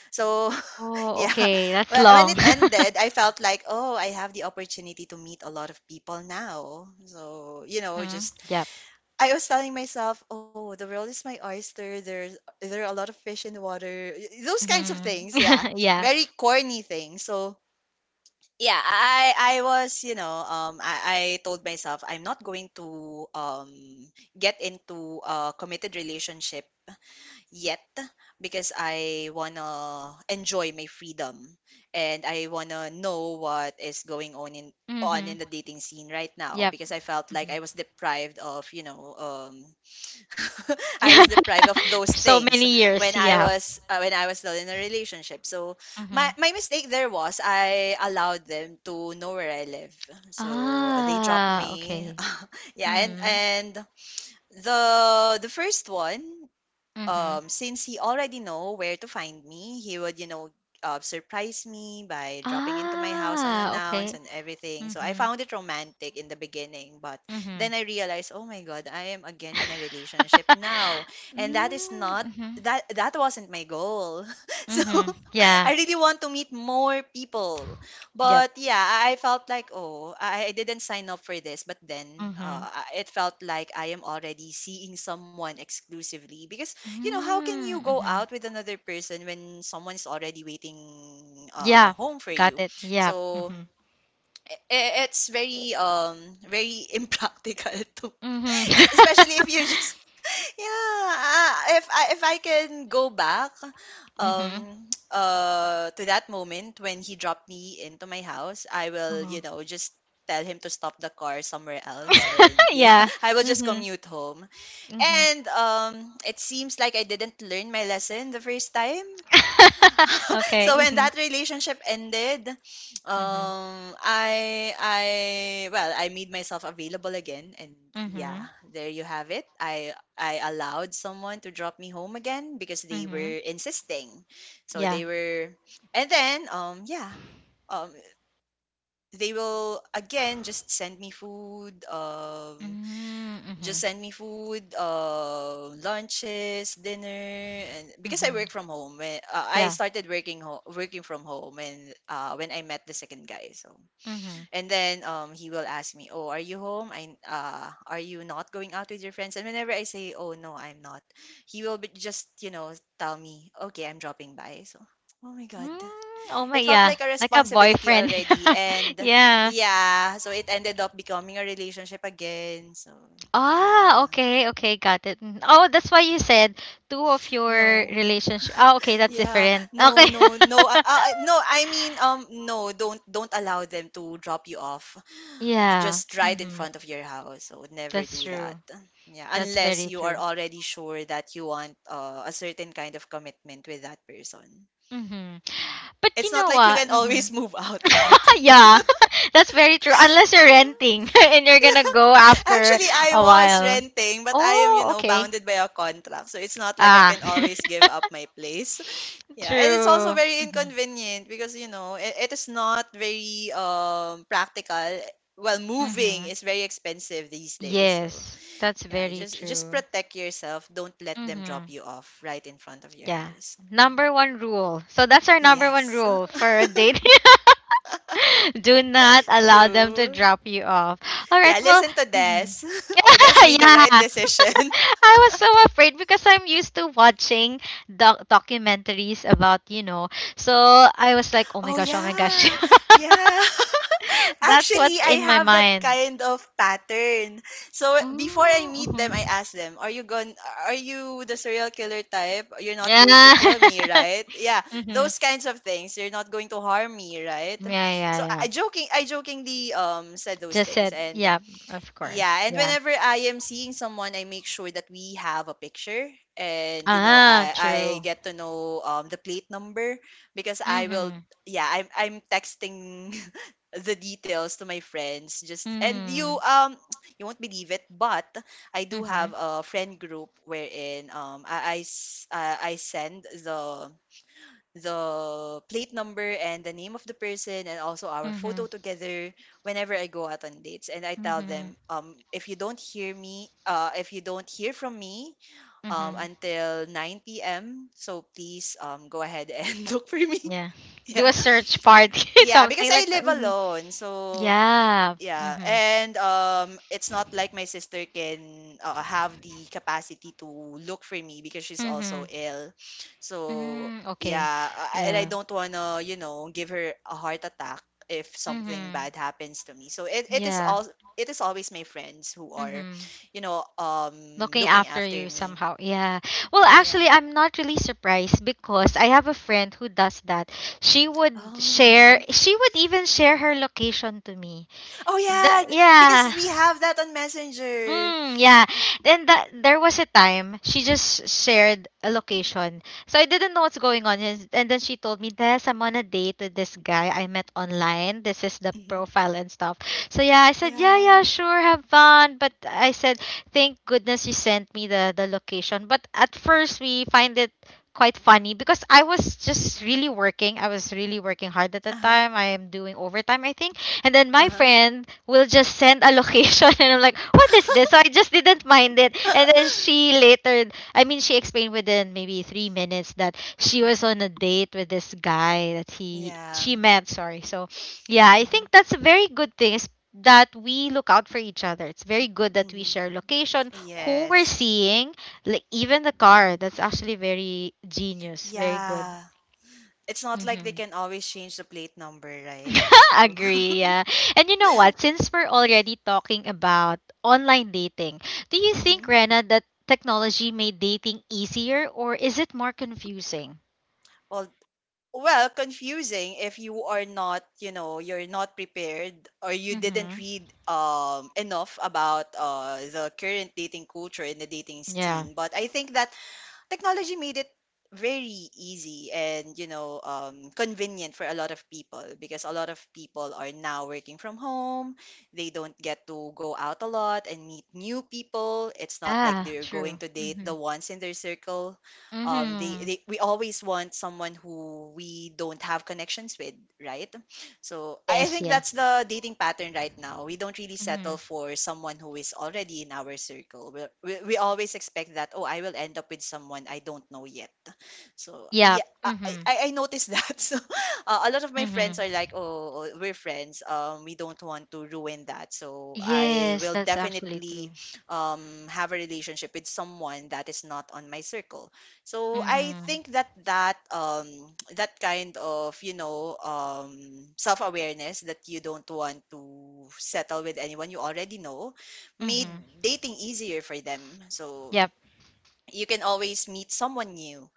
So Oh, yeah. okay. That's Well, when it long. ended, I felt like, oh, I have the opportunity to meet a lot of people now. So, you know, Mhm. just Yep. I was telling myself, oh, the world is my oyster. There are a lot of fish in the water. Those kinds of Mhm. things, yeah. Yeah. Very corny things. So, yeah, I was, you know, I told myself I'm not going to get into a committed relationship yet because I wanna enjoy my freedom, and I wanna know what is going on in Mm-hmm. the dating scene right now, Yep. because I felt like Mm-hmm. I was deprived of, you know, I was deprived of those For so things many years, when I yeah. was, when I was still in a relationship. So Mm-hmm. My mistake there was I allowed them to know where I live, so they dropped Ah, me okay. yeah. Mm-hmm. and The first one, Mm-hmm. Since he already know where to find me, he would, you know, surprise me by dropping into my house Ah, unannounced okay. and everything. So I Mm-hmm. found it romantic in the beginning, but Mm-hmm. then I realized, oh my God, I am again in a relationship now, and that is not Mm-hmm. that that wasn't my goal. So Mm-hmm. Yeah. I really want to meet more people, Yep. but yeah, I felt like, oh, I didn't sign up for this. But then, Mm-hmm. I- it felt like I am already seeing someone exclusively because, you know, how can you go Mm-hmm. out with another person when someone's already waiting, Yeah. home for Got you? it. Yeah. So Mm-hmm. I- it's very very impractical to, Mm-hmm. especially if you just yeah, ah, if I can go back Mm-hmm. To that moment when he dropped me into my house, I will, Mm-hmm. you know, just tell him to stop the car somewhere else, and yeah, Yeah. I will just Mm-hmm. commute home. Mm-hmm. And it seems like I didn't learn my lesson the first time. Okay. So when Mm-hmm. that relationship ended, Mm-hmm. I well, I made myself available again, and yeah, Mhm. there you have it. I allowed someone to drop me home again because they Mhm. were insisting. So Yeah. they were, and then yeah um they will again Mm, just mhm. send me food, lunches, dinner, and because I Mhm. work from home, I Yeah. started working from home, and when I met the second guy. So, Mhm. and then he will ask me, "Oh, are you home? I are you not going out with your friends?" And whenever I say, "Oh no, I'm not," he will be just tell me, "Okay, I'm dropping by." So. Oh my God. Mm, oh my, It felt yeah. like a Like a responsibility boyfriend. already, and Yeah. yeah, so it ended up becoming a relationship again. So, Ah, yeah. okay, okay, got it. Mm. Oh, that's why you said two of your No. relationship. Oh, okay, that's Yeah. different. Okay. No, no, no. No, I mean, no, don't allow them to drop you off Yeah. just right in Mhm. front of your house. So never That's do that. true. Yeah, That's unless very you are true. already sure that you want a certain kind of commitment with that person. Mhm. But you It's not know like you what? can Mhm. always move out, right? Yeah, that's very true. Unless you're renting and you're gonna go after Actually, I a was while. renting, but I am, you Oh, know, okay. bounded by a contract. So it's not like I Ah, can always give up my place. Yeah, and it's also true. very Hmm. inconvenient because it is not very practical. Well, moving Hmm. is very expensive these days. So Yes, that's yeah, very just true. protect yourself. Don't let them drop Hmm. you off right in front of your Yeah. house. Yeah. Number one rule. So that's our number Yes. one rule for a date. Do not allow them to True. drop you off. All right. Yeah, Well. listen to Des. Mhm. Des made the right Yeah. decision. I was so afraid because I'm used to watching documentaries about, you know. So I was like, oh my Oh gosh, oh my gosh. yeah. Yeah. That's Actually, what's I in my have that mind. kind of pattern. So before I meet them, I Mm-hmm. ask them, "Are you going? Are you the serial killer type? You're not going to Yeah. kill me, right? Yeah, Hmm. those kinds of things. You're not going to harm me, right?" Yeah, So yeah, I yeah. I joking, I jokingly um said those Just things, said, and yeah, of course. yeah, and Yeah. whenever I am seeing someone, I make sure that we have a picture, and you know, Ah, I true. get to know the plate number because I will. Mm-hmm. Yeah, I'm texting the details to my friends. Just and you Mm-hmm. You won't believe it, but I do have Mm-hmm. a friend group wherein I send the plate number and the name of the person, and also our Mm-hmm. photo together whenever I go out on dates. And I tell Mm-hmm. them, if you don't hear from me Mm-hmm. until 9 p.m., so please go ahead and look for me. Yeah. Do a yeah. search party, Yeah, because something I like that. live Hmm. alone. So Yeah. yeah, Mm-hmm. and it's not like my sister can have the capacity to look for me because she's also Mm-hmm. ill. So Mm, okay. yeah, and I Yeah. don't wanna, you know, give her a heart attack if something Mm-hmm. bad happens to me. So Yeah. It is always my friends who are, Mm-hmm. you know, Looking looking after after you me. somehow. Yeah. Well, Yeah. actually, I'm not really surprised because I have a friend who does that. Oh. She would even share her location to me. Oh The, yeah, because yeah. we have that on Messenger. Mm, yeah. Then that there was a time she just shared a location. So I didn't know what's going on. And then she told me, Des, I'm on a date with this guy I met online. This is the profile and stuff. So yeah, I said, yeah, Yeah. yeah, sure, have fun. But I said, thank goodness you sent me the location. But at first we find it quite funny because I was just really working. I was really working hard at the Uh huh. time. I am doing overtime, I think. And then Uh my huh. friend will just send a location, and I'm like, what is this? So I just didn't mind it. And then she later, I mean, she explained within maybe 3 minutes that she was on a date with this guy that he yeah. she met. Sorry. So yeah, I think that's a very good thing. Is that we look out for each other. It's very good that we Mhm. share location, who we're Yes. seeing, like even the car. Mhm. That's actually very genius. Very good. Yeah. It's not like they Mhm. can always change the plate number, right? So, Agree, yeah. And you know what? Since we're already talking about online dating, do you think, mhm. Rena, that technology made dating easier or is it more confusing? Well, well, confusing if you're not prepared or you didn't Mm-hmm. read enough about the current dating culture in the dating scene. Yeah. But I think that technology made it very easy, and convenient for a lot of people because a lot of people are now working from home. They don't get to go out a lot and meet new people. It's not like Yeah, they're true. going to date Mm-hmm. the ones in their circle. Mm-hmm. They We always want someone who we don't have connections with, right? So I Yes, think yeah. that's the dating pattern right now. We don't really Mm-hmm. settle for someone who is already in our circle. We always expect that, oh, I will end up with someone I don't know yet. So Yeah. yeah, Mm-hmm. I noticed that. So a lot of my friends Mm-hmm. are like, oh, we're friends. We don't want to ruin that. So I Yes, will that's actually definitely true. Have a relationship with someone that is not on my circle. So I Mm-hmm. think that that kind of, self awareness, that you don't want to settle with anyone you already know made Mm-hmm. dating easier for them. So Yep. you can always meet someone new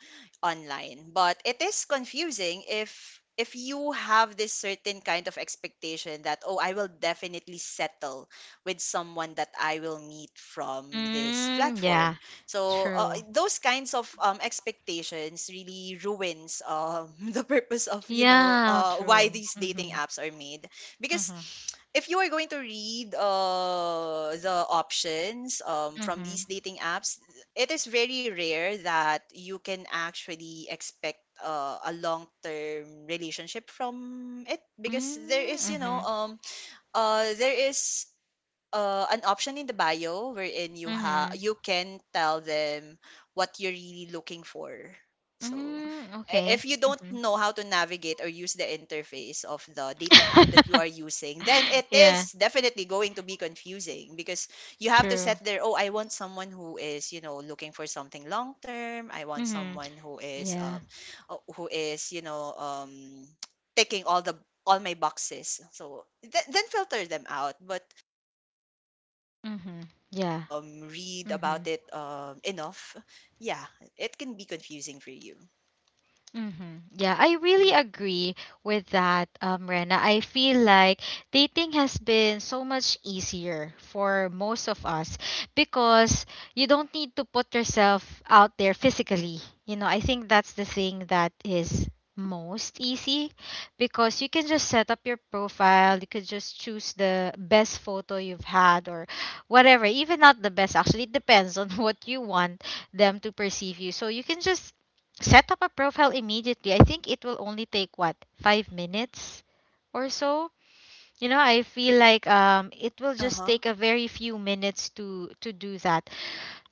online, but it is confusing if you have this certain kind of expectation that, oh, I will definitely settle with someone that I will meet from this Mm, platform. yeah. So True. those kinds of expectations really ruins the purpose of, Yeah, why true. these dating Mm-hmm. apps are made. Because Mm-hmm. if you are going to read the options from Mm-hmm. these dating apps, it is very rare that you can actually expect a long term relationship from it, because Mm, mhm, there is an option in the bio wherein mhm. you can tell them what you're really looking for. So Mm, okay. if you don't Mhm. know how to navigate or use the interface of the dating app that you are using, then it Yeah, is definitely going to be confusing, because you have to true. set there, oh, I want someone who is, you know, looking for something long term. I want Mhm. someone Yeah. Who is, you know, taking all my boxes. So then filter them out. But Mhm. Yeah. Read Mhm. about it enough, yeah, it can be confusing for you. Mm-hmm. Yeah, I really agree with that, Rena. I feel like dating has been so much easier for most of us because you don't need to put yourself out there physically. You know, I think that's the thing that is most easy because you can just set up your profile, you could just choose the best photo you've had or whatever, even not the best, actually, it depends on what you want them to perceive you. So you can just set up a profile immediately. I think it will only take what, 5 minutes or so? You know, I feel like it will Uh just huh. take a very few minutes to do that.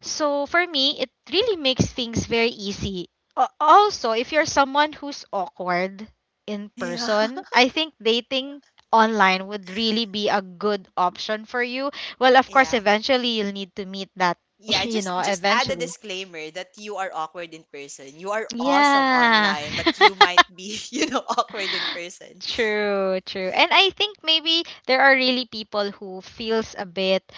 So for me, it really makes things very easy. A- Also, if you're someone who's awkward in Yeah. person, I think dating online would really be a good option for you. Well, of course, Yeah. eventually you'll need to meet that, Yeah, you just know, just add a eventually. disclaimer that you are awkward in person. You are awesome Yeah. online, but you might be, you know, awkward in person. True, true. And I think maybe there are really people who feels a bit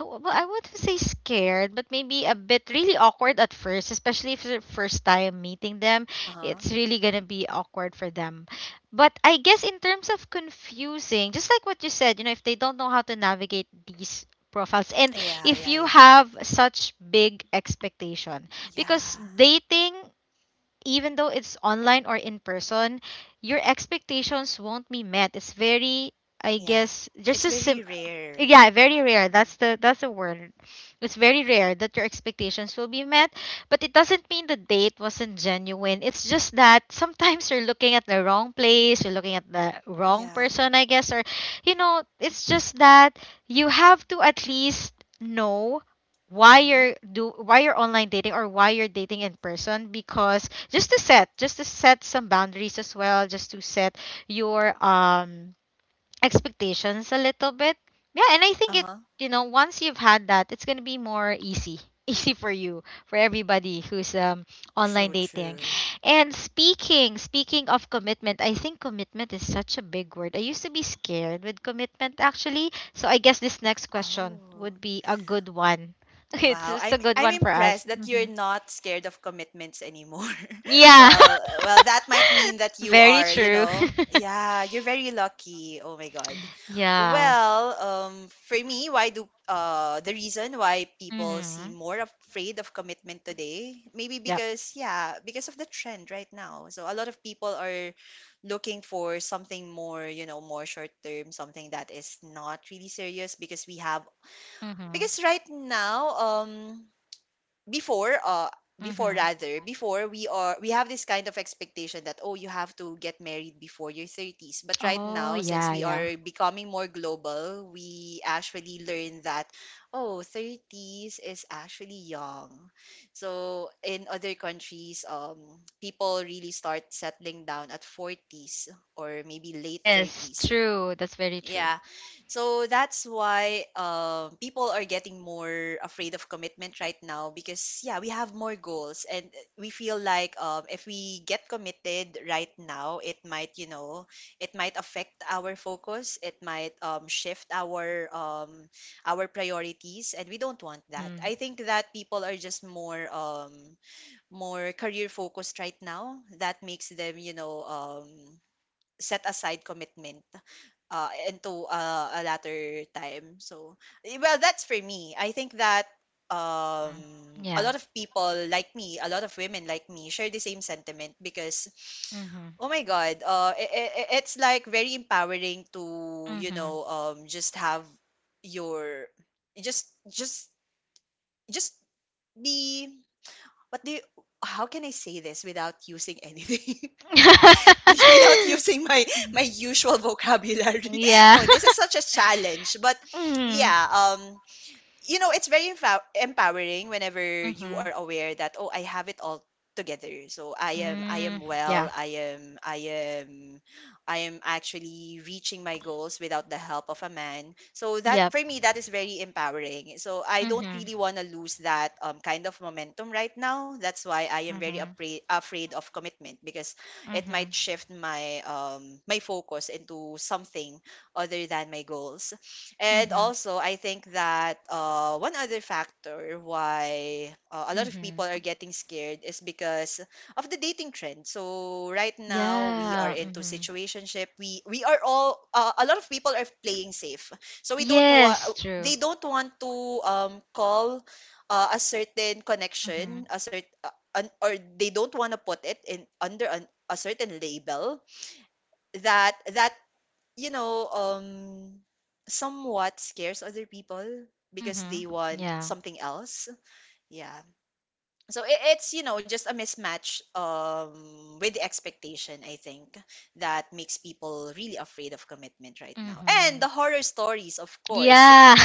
oh, well, I wouldn't say scared, but maybe a bit really awkward at first, especially if it's first time meeting them. Uh-huh. It's really gonna be awkward for them. But I guess in terms of confusing, just like what you said, you know, if they don't know how to navigate these profiles, and Yeah, if yeah, you yeah. have such big expectation, because Yeah. dating, even though it's online or in person, your expectations won't be met. It's very, I Yeah. guess, just It's a sim. very rare. Yeah, very rare. That's the word. It's very rare that your expectations will be met, but it doesn't mean the date wasn't genuine. It's just that sometimes you're looking at the wrong place, you're looking at the wrong Yeah. person, I guess, or you know, it's just that you have to at least know why Mm-hmm. you're online dating or why you're dating in person, because just to set some boundaries as well, just to set your expectations a little bit. Yeah, and I think it, Uh-huh. you know, once you've had that, it's going to be more easy. Easy for you, for everybody who's online True, dating. true. And speaking of commitment, I think commitment is such a big word. I used to be scared with commitment actually. So I guess this next question Oh. would be a good one. It's Wow, just a I'm good I'm one for us. impressed that Hmm. you're not scared of commitments anymore. Yeah. Well, that might mean that you Very are, you true. know, yeah, you're very lucky. Oh my God. Yeah. Well, for me, why do the reason why people seem Mhm. more afraid of commitment today? Maybe Yep. because because of the trend right now. So a lot of people are looking for something more, you know, more short term, something that is not really serious, because we have Mhm. because right now, before uh before Mhm. rather before we are we have this kind of expectation that, oh, you have to get married before your 30s. But right Oh, now, since yeah, we yeah. are becoming more global, we actually learn that, oh, 30s is actually young, so in other countries, people really start settling down at 40s, or maybe late Yes, 30s, true. That's very true. yeah. So that's why people are getting more afraid of commitment right now, because yeah, we have more goals, and we feel like if we get committed right now, it might, you know, it might affect our focus. It might shift our priorities, and we don't want that. Mm-hmm. I think that people are just more career focused right now. That makes them, you know, set aside commitment into a latter time. So, well, that's for me. I think that Mm-hmm. Yeah. a lot of people like me, a lot of women like me, share the same sentiment, because, Mm-hmm. oh my God, it's like very empowering to, you Mm-hmm. know, just have your, just, just, just be, what do you, how can I say this without using anything? without using my usual vocabulary. Yeah. Oh, this is such a challenge. But Mm. yeah, um it's very empowering whenever you Mm-hmm. are aware that, oh, I have it all together. So I am I Mm. am Yeah. well. I am actually reaching my goals without the help of a man. So that, Yep. for me, that is very empowering. So I don't Mm-hmm. really want to lose that kind of momentum right now. That's why I am very Mm-hmm. afraid of commitment, because it Mm-hmm. might shift my focus into something other than my goals. And Mm-hmm. also, I think that one other factor why a lot of people are Mm-hmm. getting scared is because of the dating trend. So right now we are Yeah. into Mm-hmm. situationship. We are all A lot of people are playing safe. So we don't want Yes, true. they don't want to call a certain Mm-hmm. connection, or they don't want to put it in under a certain label that you know, somewhat scares other people because Mm-hmm. they want Yeah. something else. Yeah. So it, it's, you know, just a mismatch with the expectation, I think, that makes people really afraid of commitment right now. And Mm-hmm. the horror stories, of course. Yeah.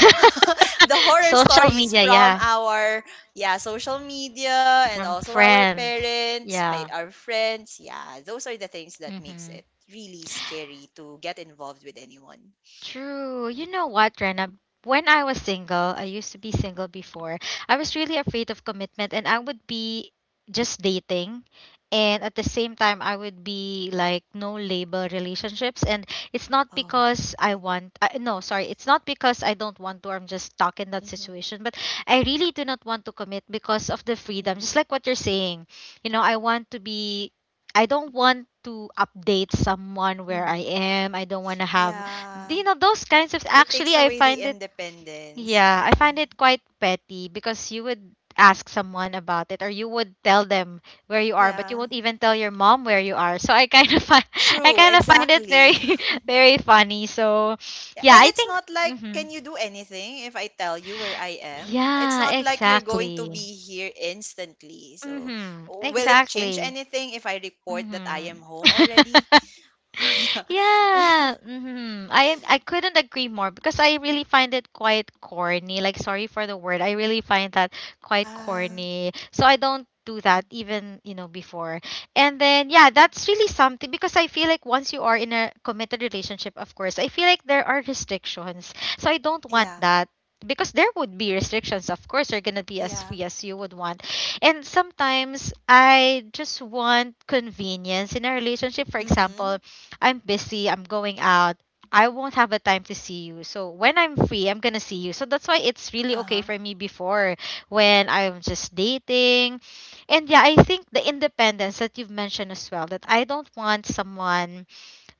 The horror Social stories media, from yeah. our, yeah, social media, and From also our friends. parents, Yeah. our friends. Yeah, those are the things that makes Mm-hmm. it really scary to get involved with anyone. True. You know what, Rena? When I was single, I used to be single before. I was really afraid of commitment, and I would be just dating. And at the same time, I would be like no label relationships. And it's not Oh. because I want, no, sorry, it's not because I don't want to, or I'm just stuck in that Mhm, situation. But I really do not want to commit because of the freedom. Just mhm, like what you're saying, you know, I want to be I don't want to update someone where I mhm. am. I don't want to have Yeah. you know those kinds of It takes actually I away the find it independence. yeah, I Yeah. find it quite petty because you would ask someone about it or you would tell them where you are, but you Yeah. won't even tell your mom where you are. So I kind of find I True, kind of find it very exactly. very funny. So yeah, And I it's think not like, mhm. can you do anything if I tell you where I am? It's Yeah, not like you're going to exactly. be here instantly. So Mhm. will it change Exactly. anything if I report that I am Mhm. home already? yeah. Yeah. I couldn't agree more because I really find it quite corny. Like sorry for the word. I really find that quite Yeah. corny. So I don't do that even before. And then yeah, that's really something because I feel like once you are in a committed relationship, of course, I feel like there are restrictions. So I don't want Yeah. that. Because there would be restrictions, of course, you're gonna be as Yeah. free as you would want. And sometimes I just want convenience in a relationship. For example, Mhm. I'm busy, I'm going out. I won't have a time to see you. So when I'm free, I'm gonna see you. So that's why it's really okay Uh-huh. for me before when I'm just dating. And yeah, I think the independence that you've mentioned as well, that I don't want someone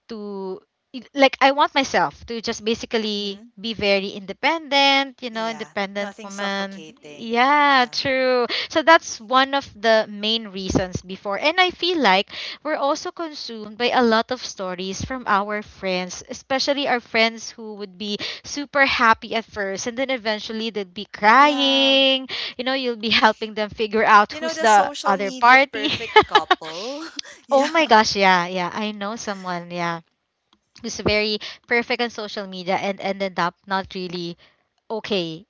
to like I want myself to just basically Mhm. be very independent, Yeah. independent Nothing woman. suffocating. Yeah, Yeah. true. So that's one of the main reasons before. And I feel like we're also consumed by a lot of stories from our friends, especially our friends who would be super happy at first and then eventually they'd be Yeah. crying. You'll be helping them figure out You know, who's the the social other media party. perfect couple. Oh yeah. my gosh, yeah, yeah. I know someone, yeah, who's very perfect on social media and ended up not really okay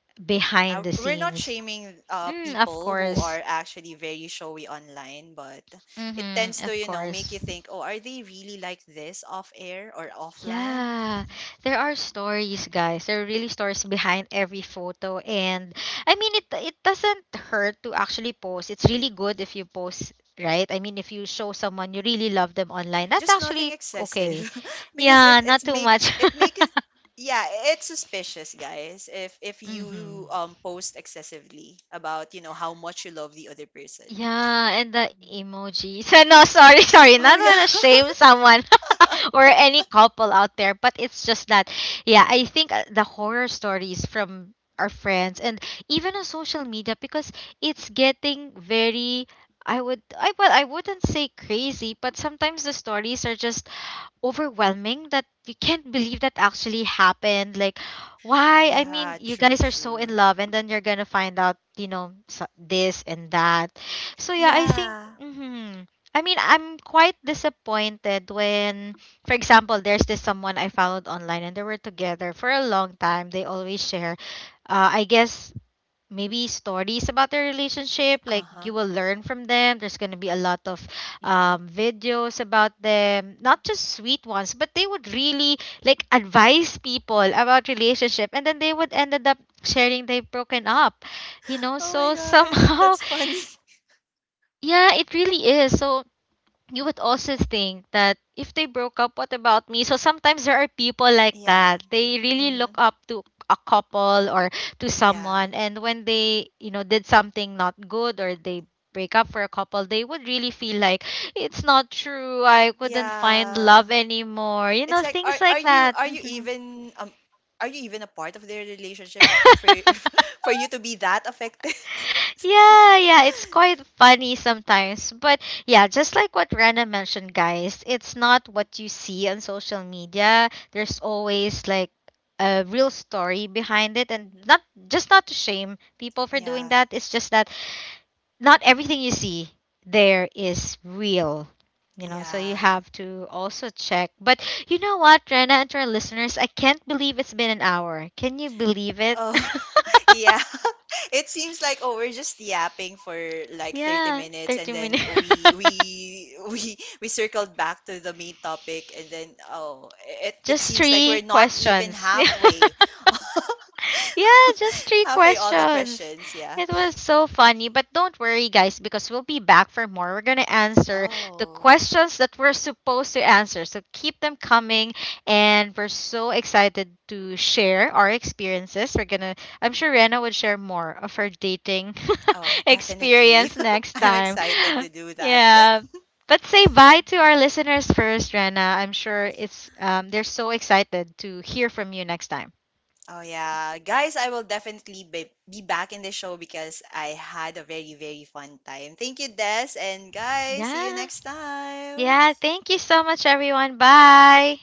yeah. behind the We're not scenes. shaming Mm, of people who course. are actually very showy online, but it tends Mm-hmm, to, of you know, make course. you think, oh, are they really like this off air or offline? Yeah. There are stories, guys. There are really stories behind every photo and it doesn't hurt to actually post. It's really good if you post, right? I mean if you show someone you Mhm. really love them online, that's Just nothing actually excessive okay. because it Yeah, it not too much. makes it make it yeah, it's suspicious, guys, if you Mm-hmm. Post excessively about, you know, how much you love the other person. Yeah, and the emojis. No, sorry, sorry. Oh Not yeah. wanna shame someone or any couple out there, but it's just that. Yeah, I think the horror stories from our friends and even on social media because it's getting very. I wouldn't say crazy, but sometimes the stories are just overwhelming that you can't believe that actually happened. Like, why? I mean, yeah, you true, guys are so true. in love, and then you're gonna find out, this and that. So yeah, I think. Yeah. Mhm. I mean, I'm quite disappointed when, for example, there's this someone I followed online, and they were together for a long time. They always share. Uh, I guess maybe stories about their relationship like you Uh-huh. will learn from them there's going to be a lot of Hmm. Videos about them not just sweet ones but they would really like advise people about relationship and then they would ended up sharing they've broken up Oh my so God. somehow Funny. yeah it really is so you would also think that if they broke up, what about me? So sometimes there are people like yeah. that. They really look Hmm. up to a couple or to Yeah. someone, and when they, did something not good or they break up for a couple, they would really feel like it's not true. I couldn't find Yeah. love anymore. You It's know, like, things like that. Mhm. Are you even a part of their relationship for for you to be that affected? Yeah, yeah, it's quite funny sometimes. But yeah, just like what Rana mentioned, guys, it's not what you see on social media. There's always like a real story behind it and Mhm. Not to shame people for doing Yeah, that. It's just that not everything you see there is real. You know, so you yeah. have to also check. But you know what, Rena and to our listeners, I can't believe it's been an hour. Can you believe it? Oh, yeah. It seems like, oh, we're just yapping for like 30 Yeah, minutes, and 30 then minutes. we we circled back to the main topic, and then, oh, it Just seems like three we're not even questions. halfway. Yeah, just three Halfway all the questions. questions, yeah. It was so funny. But don't worry, guys, because we'll be back for more. We're going to answer Oh, the questions that we're supposed to answer. So keep them coming. And we're so excited to share our experiences. I'm sure Rena would share more of her dating oh, definitely. experience next I'm time. excited to do that. Yeah. But say bye to our listeners first, Rena. I'm sure it's they're so excited to hear from you next time. Oh yeah, guys, I will definitely be back in the show because I had a very very fun time. Thank you, Des, and guys, see you Yeah. next time. Yeah, thank you so much, everyone. Bye.